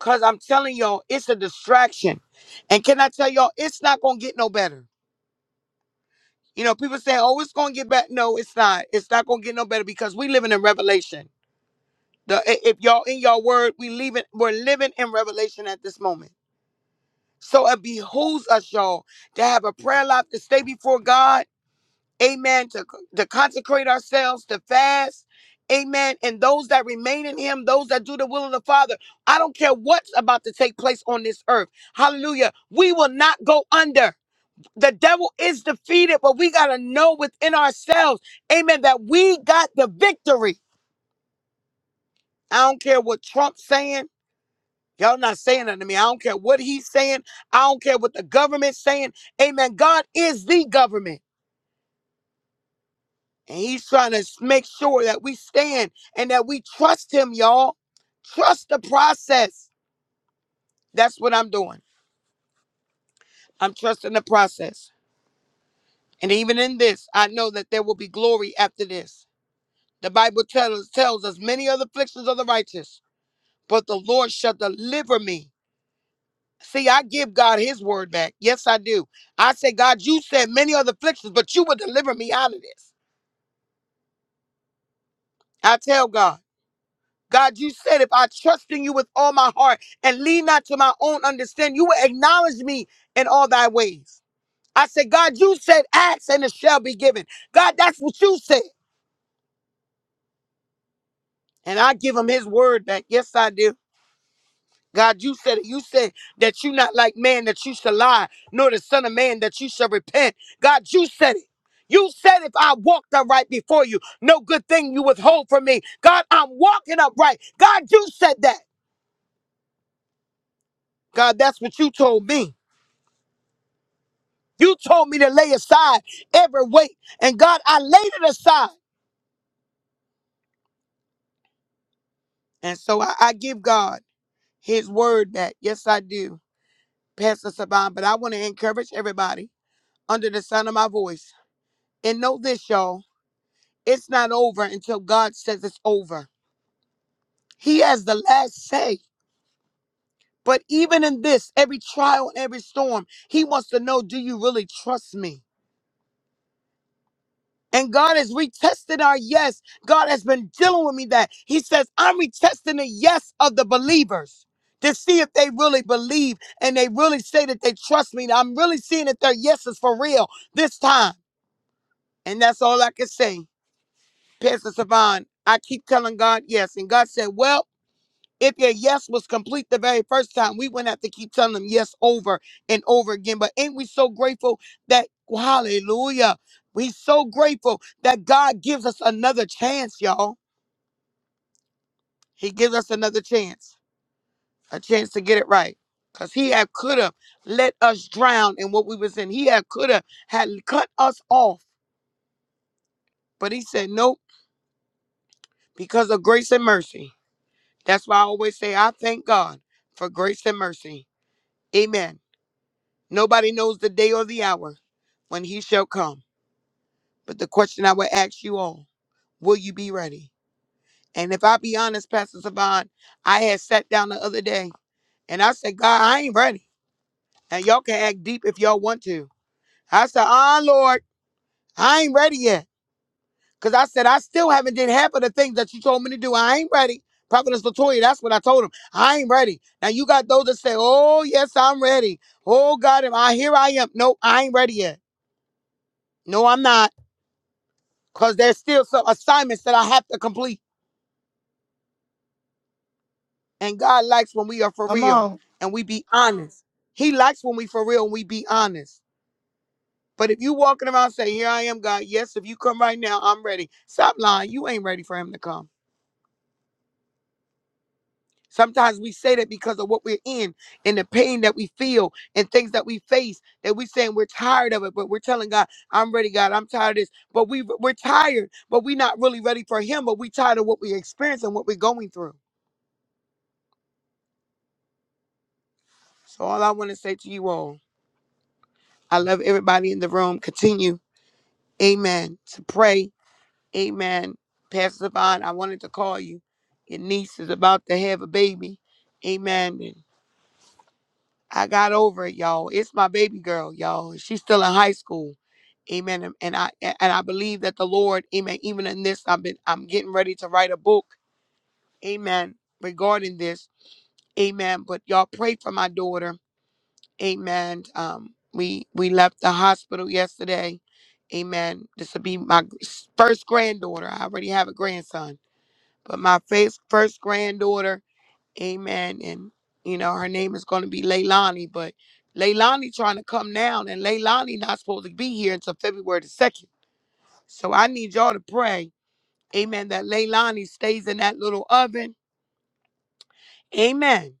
Speaker 7: Cause I'm telling y'all, it's a distraction. And can I tell y'all, it's not gonna get no better. You know, people say, "Oh, it's gonna get better." No, it's not. It's not gonna get no better because we living in Revelation. The i- if y'all in y'all word, we leaving. We're living in Revelation at this moment. So it behooves us, y'all, to have a prayer life to stay before God amen, to, to consecrate ourselves, to fast, amen. And those that remain in him, those that do the will of the Father, I don't care what's about to take place on this earth. Hallelujah. We will not go under. The devil is defeated, but we got to know within ourselves, amen, that we got the victory. I don't care what Trump's saying. Y'all not saying that to me. I don't care what he's saying. I don't care what the government's saying. Amen. God is the government. And he's trying to make sure that we stand and that we trust him, y'all. Trust the process. That's what I'm doing. I'm trusting the process. And even in this, I know that there will be glory after this. The Bible tells, tells us many other afflictions of the righteous, but the Lord shall deliver me. See, I give God his word back. Yes, I do. I say, God, you said many other afflictions, but you will deliver me out of this. I tell God. God, you said, if I trust in you with all my heart and lean not to my own understanding, you will acknowledge me in all thy ways. I said, God, you said, ask and it shall be given. God, that's what you said. And I give him his word back. Yes, I do. God, you said it. You said that you not like man that you shall lie, nor the son of man that you shall repent. God, you said it. You said if I walked upright before you, no good thing you withhold from me. God, I'm walking upright. God, you said that. God, that's what you told me. You told me to lay aside every weight. And God, I laid it aside. And so I, I give God his word back. Yes, I do, Pastor Saban. But I want to encourage everybody under the sound of my voice. And know this, y'all. It's not over until God says it's over. He has the last say. But even in this, every trial and every storm, he wants to know, do you really trust me? And God has retested our yes. God has been dealing with me that He says, I'm retesting the yes of the believers to see if they really believe and they really say that they trust me. I'm really seeing that their yes is for real this time. And that's all I can say. Pastor Savon, I keep telling God yes. And God said, Well, if your yes was complete the very first time, we wouldn't have to keep telling them yes over and over again. But ain't we so grateful that, hallelujah, we so grateful that God gives us another chance, y'all. He gives us another chance, a chance to get it right. Because he had could have let us drown in what we was in. He had could have had cut us off. But he said, nope, because of grace and mercy. That's why I always say, I thank God for grace and mercy. Amen. Nobody knows the day or the hour when he shall come. But the question I would ask you all, will you be ready? And if I be honest, Pastor Savon, I had sat down the other day and I said, God, I ain't ready. And y'all can act deep if y'all want to. I said, ah, Lord, I ain't ready yet. Because I said, I still haven't did half of the things that you told me to do. I ain't ready. Prophetess Latoya, that's what I told him. I ain't ready. Now you got those that say, oh, yes, I'm ready. Oh, God, am I here I am. No, I ain't ready yet. No, I'm not. Because there's still some assignments that I have to complete. And God likes when we are for
Speaker 1: Come
Speaker 7: real
Speaker 1: on.
Speaker 7: and we be honest. He likes when we for real and we be honest. But if you walking around saying, Here I am, God, yes, if you come right now, I'm ready. Stop lying. You ain't ready for him to come. Sometimes we say that because of what we're in and the pain that we feel and things that we face that we saying we're tired of it, but we're telling God, I'm ready, God, I'm tired of this. But we we're tired, but we're not really ready for him, but we tired of what we experience and what we're going through. So all I want to say to you all I love everybody in the room. Continue, amen, to pray. Amen. Pastor Devon, I wanted to call you. Your niece is about to have a baby. Amen. And I got over it, y'all. It's my baby girl, y'all. She's still in high school. Amen. And and I and I believe that the Lord, Amen. Even in this, I've been I'm getting ready to write a book. Amen. Regarding this. Amen. But y'all pray for my daughter. Amen. Um, we we left the hospital yesterday. Amen. This will be my gr- first granddaughter. I already have a grandson, but my first first granddaughter. Amen. And you know her name is going to be Leilani, but Leilani trying to come down, and Leilani not supposed to be here until February the second. So I need y'all to pray. Amen. That Leilani stays in that little oven. Amen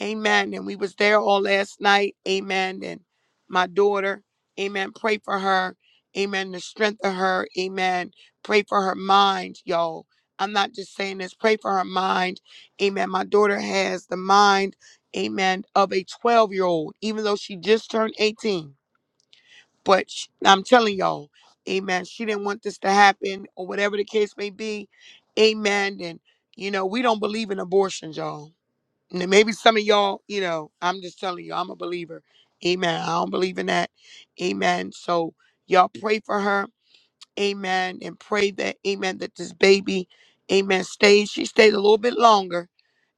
Speaker 7: Amen. And we was there all last night. Amen. And my daughter, amen. Pray for her. Amen. The strength of her. Amen. Pray for her mind, y'all. I'm not just saying this. Pray for her mind. Amen. My daughter has the mind, amen, of a 12 year old, even though she just turned 18. But sh- I'm telling y'all, amen. She didn't want this to happen or whatever the case may be. Amen. And, you know, we don't believe in abortions, y'all N- maybe some of y'all, you know, I'm just telling you, I'm a believer. Amen. I don't believe in that. Amen. So y'all pray for her. Amen. And pray that, amen, that this baby, amen, stays. She stayed a little bit longer.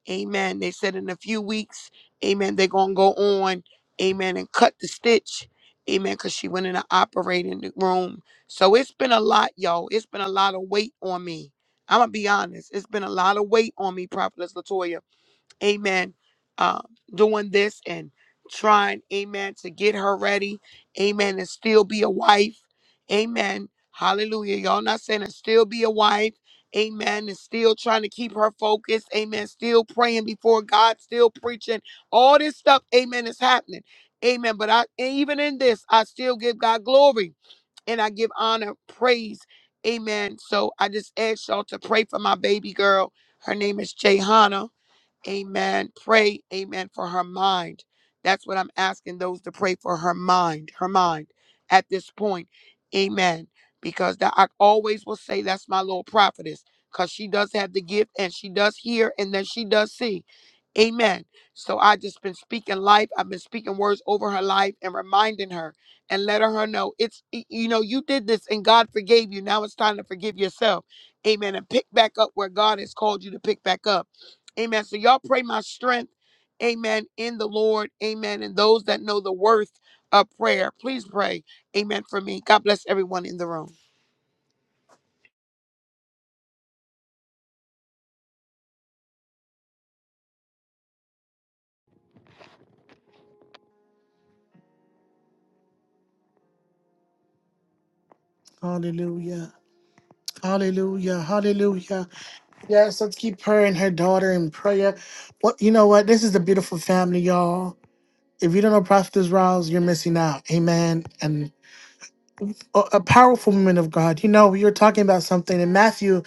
Speaker 7: Amen. They said in a few weeks, amen, they're going to go on, amen, and cut the stitch. Amen. Because she went in the operating room. So it's been a lot, y'all. It's been a lot of weight on me. I'm going to be honest. It's been a lot of weight on me, Prophetess Latoya amen, uh, doing this and trying, amen, to get her ready, amen, and still be a wife, amen. Hallelujah. Y'all not saying and still be a wife, amen, and still trying to keep her focused, amen, still praying before God, still preaching. All this stuff, amen, is happening, amen. But I, even in this, I still give God glory and I give honor, praise, amen. So I just ask y'all to pray for my baby girl. Her name is Jayhana. Amen. Pray, amen, for her mind. That's what I'm asking those to pray for her mind, her mind at this point. Amen. Because that I always will say that's my little prophetess. Because she does have the gift and she does hear and then she does see. Amen. So I just been speaking life. I've been speaking words over her life and reminding her and letting her know it's y- you know, you did this and God forgave you. Now it's time to forgive yourself. Amen. And pick back up where God has called you to pick back up. Amen. So y'all pray my strength. Amen. In the Lord. Amen. And those that know the worth of prayer, please pray. Amen for me. God bless everyone in the room.
Speaker 1: Hallelujah. Hallelujah. Hallelujah. Yes, let's keep her and her daughter in prayer. What you know what? This is a beautiful family, y'all. If you don't know Prophetess Rouse, you're missing out. Amen. And a, a powerful woman of God. You know, we were talking about something, and Matthew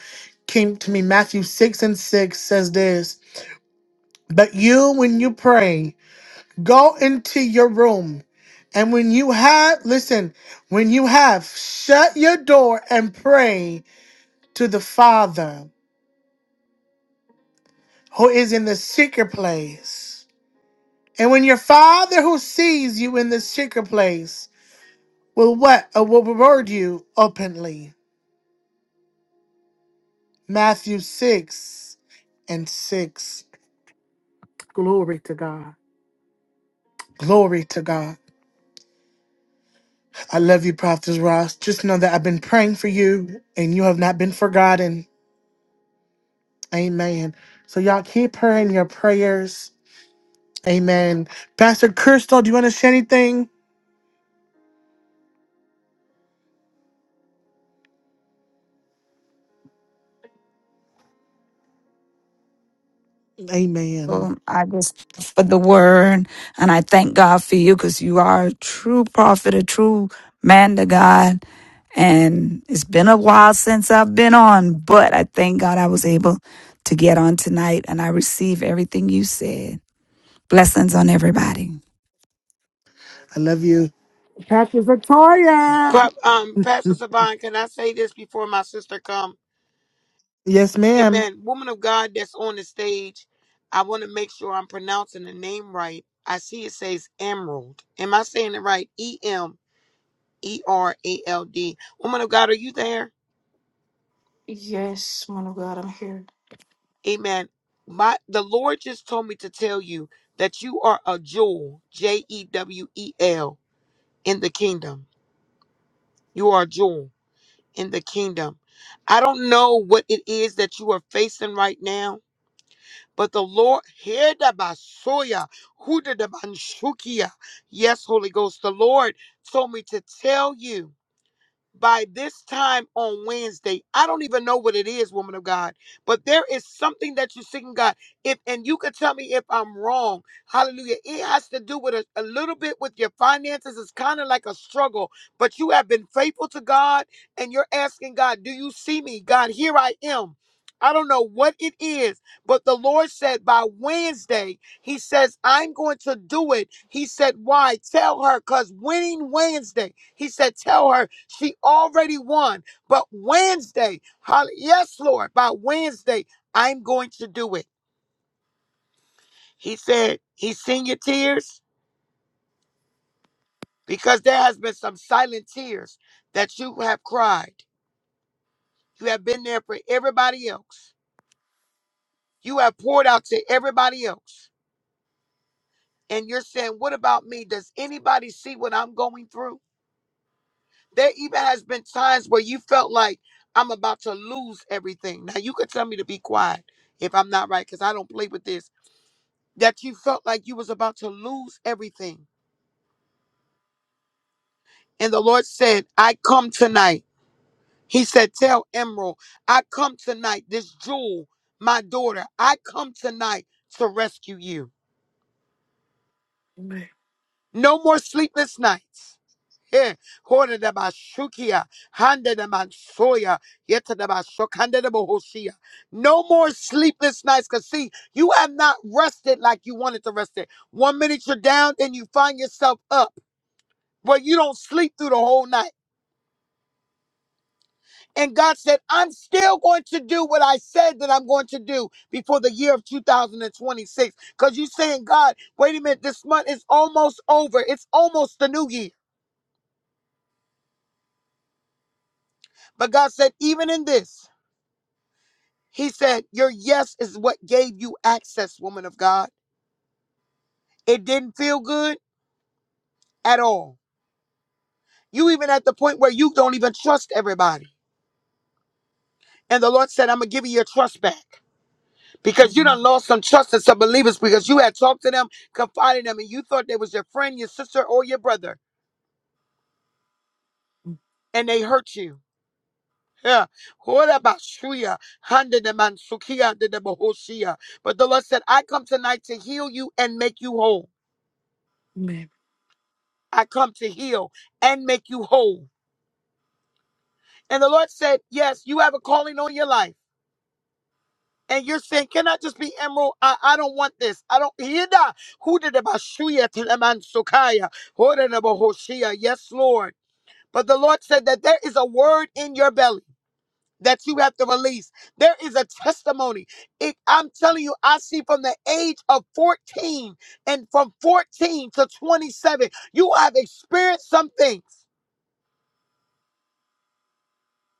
Speaker 1: came to me. Matthew 6 and 6 says this But you, when you pray, go into your room. And when you have, listen, when you have, shut your door and pray to the Father who is in the secret place And when your father who sees you in the secret place will what uh, will reward you openly. Matthew six and six. Glory to God. Glory to God. I love you, Prophet Ross. Just know that I've been praying for you and you have not been forgotten. Amen. So y'all keep her in your prayers. Amen. Pastor Crystal, do you want to say anything? Amen.
Speaker 2: Um, I just thank you for the word, and I thank God for you because you are a true prophet, a true man to God. And it's been a while since I've been on, but I thank God I was able to get on tonight, and I receive everything you said. Blessings on everybody.
Speaker 1: I love you. Pastor Victoria.
Speaker 7: Prop, um, Pastor Savan, can I say this before my sister come?
Speaker 1: Yes, ma'am.
Speaker 7: Amen. Woman of God that's on the stage, I want to make sure I'm pronouncing the name right. I see it says Emerald. Am I saying it right? E M E R A L D. Woman of God, are you there?
Speaker 8: Yes, man of God, I'm here.
Speaker 7: Amen. My the Lord just told me to tell you that you are a jewel, J E W E L, in the kingdom. You are a jewel in the kingdom. I don't know what it is that you are facing right now, but the Lord here the basoya, who the banshukia. Yes, Holy Ghost, the Lord told me to tell you. by this time on Wednesday. I don't even know what it is, woman of God, but there is something that you're seeking God. If and you could tell me if I'm wrong. Hallelujah. It has to do with a, a little bit with your finances. It's kind of like a struggle, but you have been faithful to God and you're asking God, "Do you see me? God, here I am." I don't know what it is, but the Lord said by Wednesday he says, I'm going to do it. He said, Why? Tell her, because winning Wednesday. He said, Tell her she already won. But Wednesday, hol- yes, Lord, by Wednesday, I'm going to do it. He said, He's seen your tears because there has been some silent tears that you have cried. You have been there for everybody else. You have poured out to everybody else. And you're saying, What about me? Does anybody see what I'm going through? There even has been times where you felt like I'm about to lose everything. Now you could tell me to be quiet if I'm not right, because I don't play with this. That you felt like you was about to lose everything. And the Lord said, I come tonight. He said, Tell Emerald, I come tonight, this jewel, my daughter, I come tonight to rescue you. No more sleepless nights. Hey, hone de bashukia, hande de mansoya, yete de bashuk, hande de bohosia. No more sleepless nights. Cause see, you have not rested like you wanted to rest it. One minute you're down, then you find yourself up. But you don't sleep through the whole night. And God said, I'm still going to do what I said that I'm going to do before the year of 2026. Because you're saying, God, wait a minute, this month is almost over. It's almost the new year. But God said, even in this, He said, Your yes is what gave you access, woman of God. It didn't feel good at all. You even at the point where you don't even trust everybody. And the Lord said, I'm going to give you your trust back because you done
Speaker 8: Amen.
Speaker 7: lost some trust in some believers because you had talked to them, confided in them, and you thought they was your friend, your sister, or your brother, and they hurt you. Yeah. What about Shria? Hande de Mansukia de de Bohoshia. But the Lord said, I come tonight to heal you and make you whole.
Speaker 8: Amen.
Speaker 7: I come to heal and make you whole. And the Lord said, Yes, you have a calling on your life. And you're saying, Can I just be emerald? I, I don't want this. I don't hear that. Who did the bashuya to the man sukaya? Who did the bahoshia? Yes, Lord. But the Lord said that there is a word in your belly that you have to release. There is a testimony. It, I'm telling you, I see from the age of 14 and from 14 to 27, you have experienced some things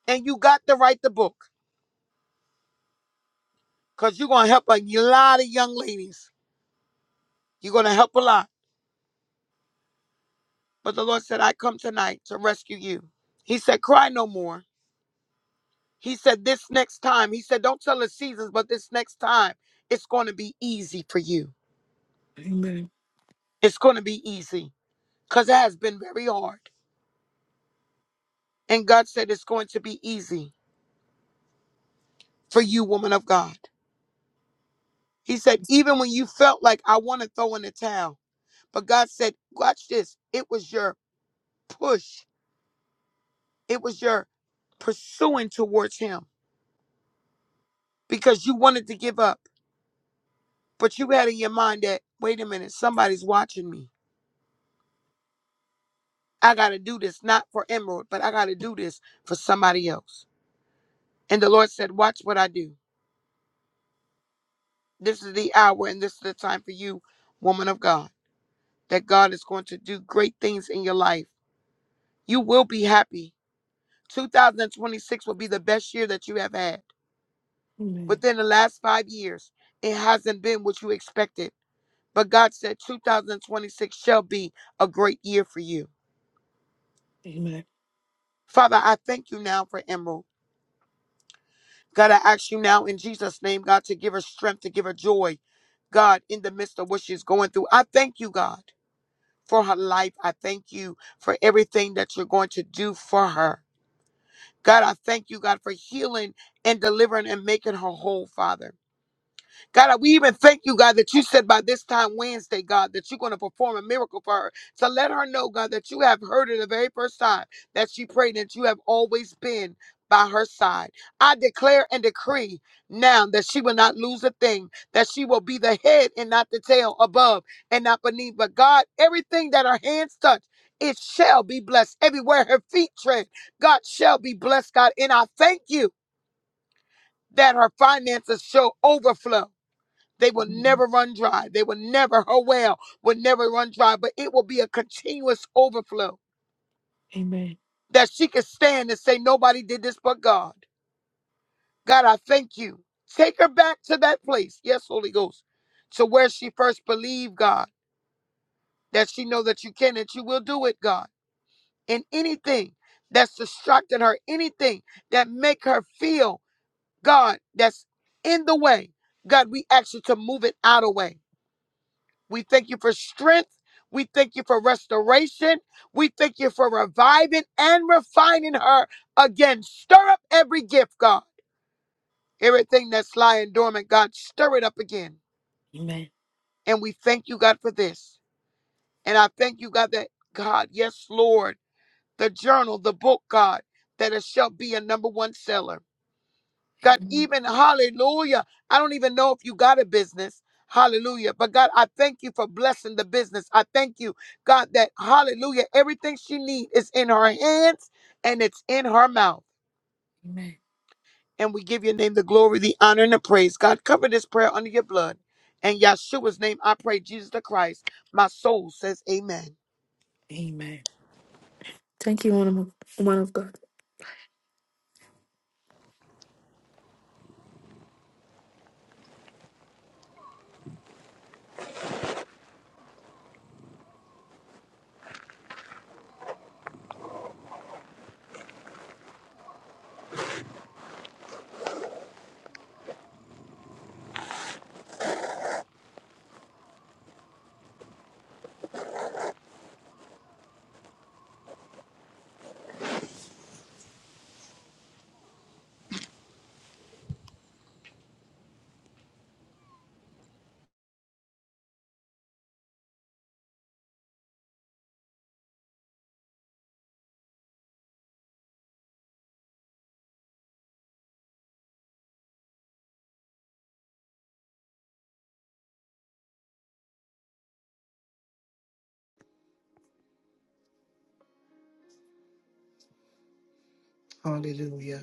Speaker 7: and you got to write the book because you're going to help a lot of young ladies You're going to help a lot. But the Lord said, I come tonight to rescue you. He said, Cry no more. He said, This next time, He said, Don't tell the seasons, but this next time, it's going to be easy for you.
Speaker 8: Amen.
Speaker 7: It's going to be easy because it has been very hard. And God said, It's going to be easy for you, woman of God. He said, Even when you felt like I want to throw in the towel, but God said, Watch this. It was your push, it was your pursuing towards Him because you wanted to give up. But you had in your mind that, wait a minute, somebody's watching me. I got to do this, not for Emerald, but I got to do this for somebody else. And the Lord said, watch what I do. This is the hour and this is the time for you, woman of God, that God is going to do great things in your life. You will be happy. 2026 will be the best year that you have had.
Speaker 8: Amen.
Speaker 7: Within the last five years, it hasn't been what you expected. But God said 2026 shall be a great year for you.
Speaker 8: Amen.
Speaker 7: Father, I thank you now for Emerald. God, I ask you now in Jesus' name, God, to give her strength, to give her joy, God, in the midst of what she's going through. I thank you, God, for her life. I thank you for everything that you're going to do for her. God, I thank you, God, for healing and delivering and making her whole, Father. God, we even thank you, God, that you said by this time Wednesday, God, that you're going to perform a miracle for her. So let her know, God, that you have heard her the very first time that she prayed, that you have always been by her side. I declare and decree now that she will not lose a thing, that she will be the head and not the tail, above and not beneath. But God, everything that her hands touch, it shall be blessed. Everywhere her feet tread, God shall be blessed, God. And I thank you that her finances shall overflow. They will never run dry. They will never, her well will never run dry, but it will be a continuous overflow
Speaker 8: Amen.
Speaker 7: that she can stand and say, Nobody did this but God. God, I thank you. Take her back to that place. Yes, Holy Ghost. To where she first believed, God, that she know that you can and you will do it, God. And anything that's distracting her, anything that make her feel, God, that's in the way. God, we ask you to move it out of the way We thank you for strength. We thank you for restoration. We thank you for reviving and refining her again. Stir up every gift, God. Everything that's lying dormant, God, stir it up again.
Speaker 8: Amen.
Speaker 7: And we thank you, God, for this. And I thank you, God, that God, yes, Lord, the journal, the book, God, that it shall be a number one seller. God, even hallelujah. I don't even know if you got a business. Hallelujah. But God, I thank you for blessing the business. I thank you, God, that hallelujah, everything she needs is in her hands and it's in her mouth. And we give your name the glory, the honor, and the praise. God, cover this prayer under your blood. And Yeshua's name, I pray, Jesus the Christ. My soul says amen.
Speaker 8: Amen. Thank you, one of, one of God.
Speaker 1: Hallelujah.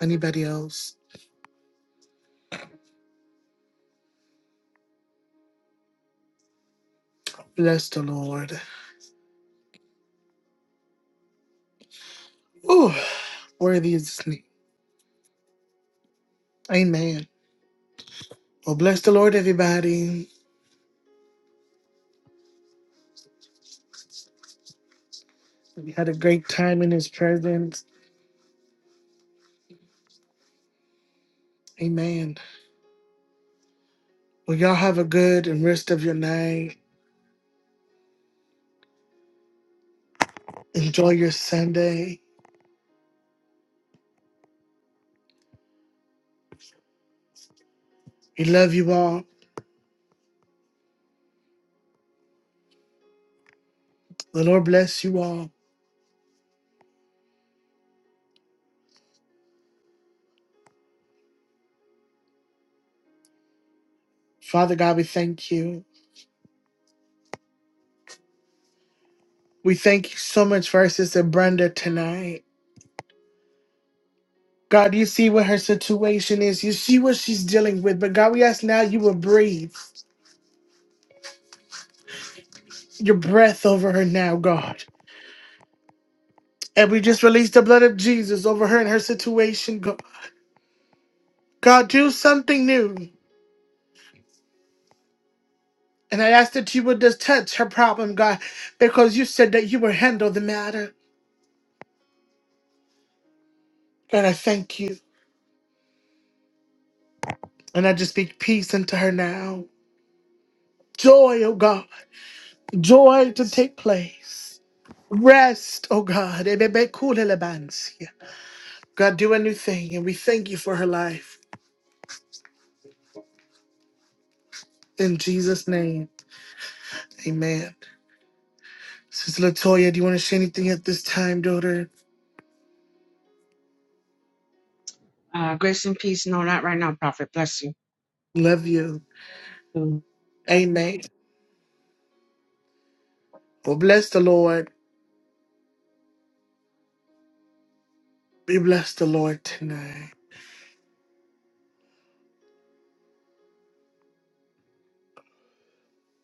Speaker 1: Anybody else? Bless the Lord. Ooh, worthy is his name. Amen. Well, bless the Lord, everybody. We had a great time in his presence. Amen. Well, y'all have a good and rest of your night. Enjoy your Sunday. We love you all. The Lord bless you all. Father God, we thank you. We thank you so much for our sister Brenda tonight. God, you see what her situation is. You see what she's dealing with. But God, we ask now you will breathe your breath over her now, God. And we just release the blood of Jesus over her and her situation. Go- God, do something new. And I ask that you would just touch her problem, God, because you said that you would handle the matter. And I thank you. And I just speak peace into her now. Joy, oh God. Joy to take place. Rest, oh God. Ebebekudelebansi. God, do a new thing. And we thank you for her life. In Jesus' name, amen. Sister Latoya, do you want to say anything at this time, daughter?
Speaker 4: Uh, grace and peace. No, not right now, Prophet. Bless you.
Speaker 1: Love you. Amen. Well, bless the Lord. We bless the Lord tonight.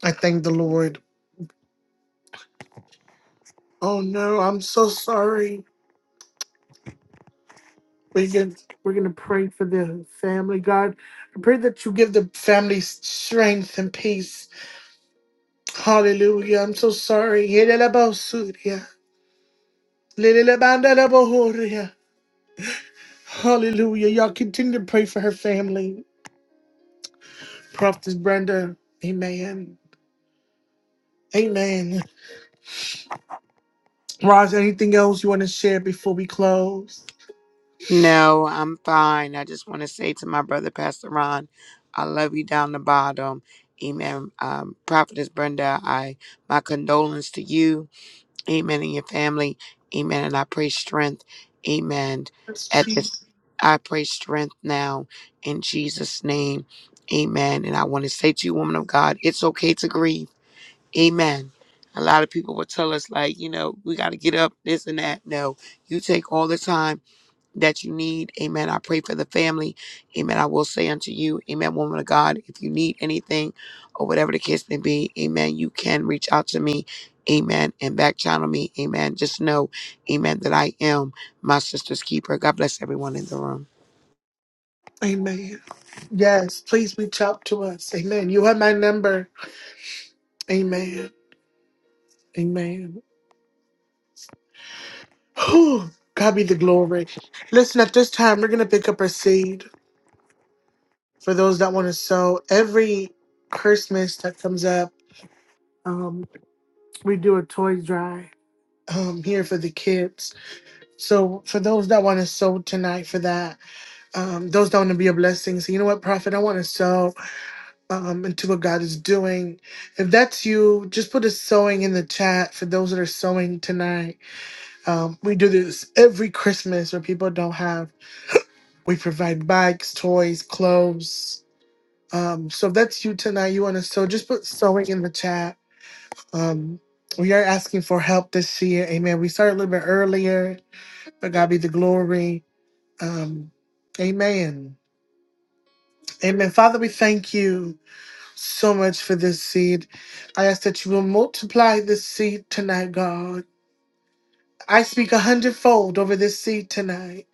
Speaker 1: I thank the Lord. Oh no, I'm so sorry. We are gonna we're gonna pray for the family. God, I pray that you give the family strength and peace. Hallelujah. I'm so sorry. Yedelebaosuria. Lelelebandelebahoria. Hallelujah. Y'all continue to pray for her family. Prophet Brenda. Amen. Amen. Roz, anything else you want to share before we close?
Speaker 7: No, I'm fine. I just want to say to my brother, Pastor Ron, I love you down the bottom. Amen. Um, Prophetess Brenda, I my condolence to you. Amen. In your family. Amen. And I pray strength. Amen. At
Speaker 1: She,
Speaker 7: this, I pray strength now in Jesus' name. Amen. And I want to say to you, woman of God, it's okay to grieve. Amen. A lot of people will tell us, like, you know, we got to get up, this and that. No, you take all the time that you need. Amen. I pray for the family. Amen. I will say unto you, Amen, woman of God, if you need anything or whatever the case may be, Amen, you can reach out to me. Amen. And back channel me. Amen. Just know, Amen, that I am my sister's keeper. God bless everyone in the room.
Speaker 1: amen. Yes, please reach out to us. Amen. You have my number. Amen. Amen. Whew. God be the glory. Listen, at this time, we're going to pick up our seed for those that want to sow. Every Christmas that comes up, um, we do a toys drive. um, here for the kids. So for those that want to sow tonight for that, um, those that want to be a blessing, say, you know what, prophet, I want to sow um, into what God is doing. If that's you, just put a sewing in the chat for those that are sewing tonight. Um, we do this every Christmas where people don't have. We provide bikes, toys, clothes. Um, so if that's you tonight, you want to sew, just put sewing in the chat. Um, we are asking for help this year. Amen. We started a little bit earlier But God be the glory. Um, amen. Amen. Father, we thank you so much for this seed. I ask that you will multiply this seed tonight, God. I speak a hundredfold over this seed tonight.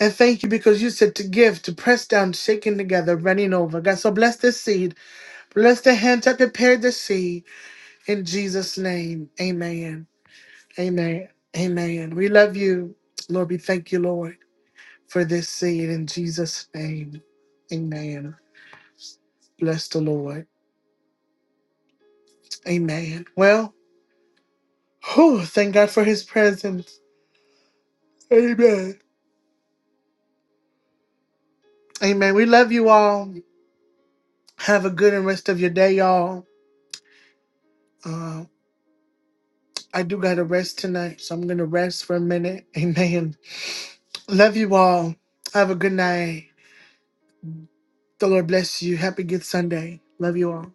Speaker 1: And thank you because you said to give, to press down, shaking together, running over. God, so bless this seed. Bless the hands that prepared the seed. In Jesus' name, amen. Amen. Amen. We love you. Lord, we thank you, Lord. for this seed in Jesus' name. Amen. Bless the Lord. Amen. Well, whew, thank God for his presence. Amen. Amen. We love you all. Have a good and rest of your day, y'all. Uh, I do got to rest tonight, so I'm going to rest for a minute. Amen. Love you all. Have a good night. The Lord bless you. Happy Good Sunday. Love you all.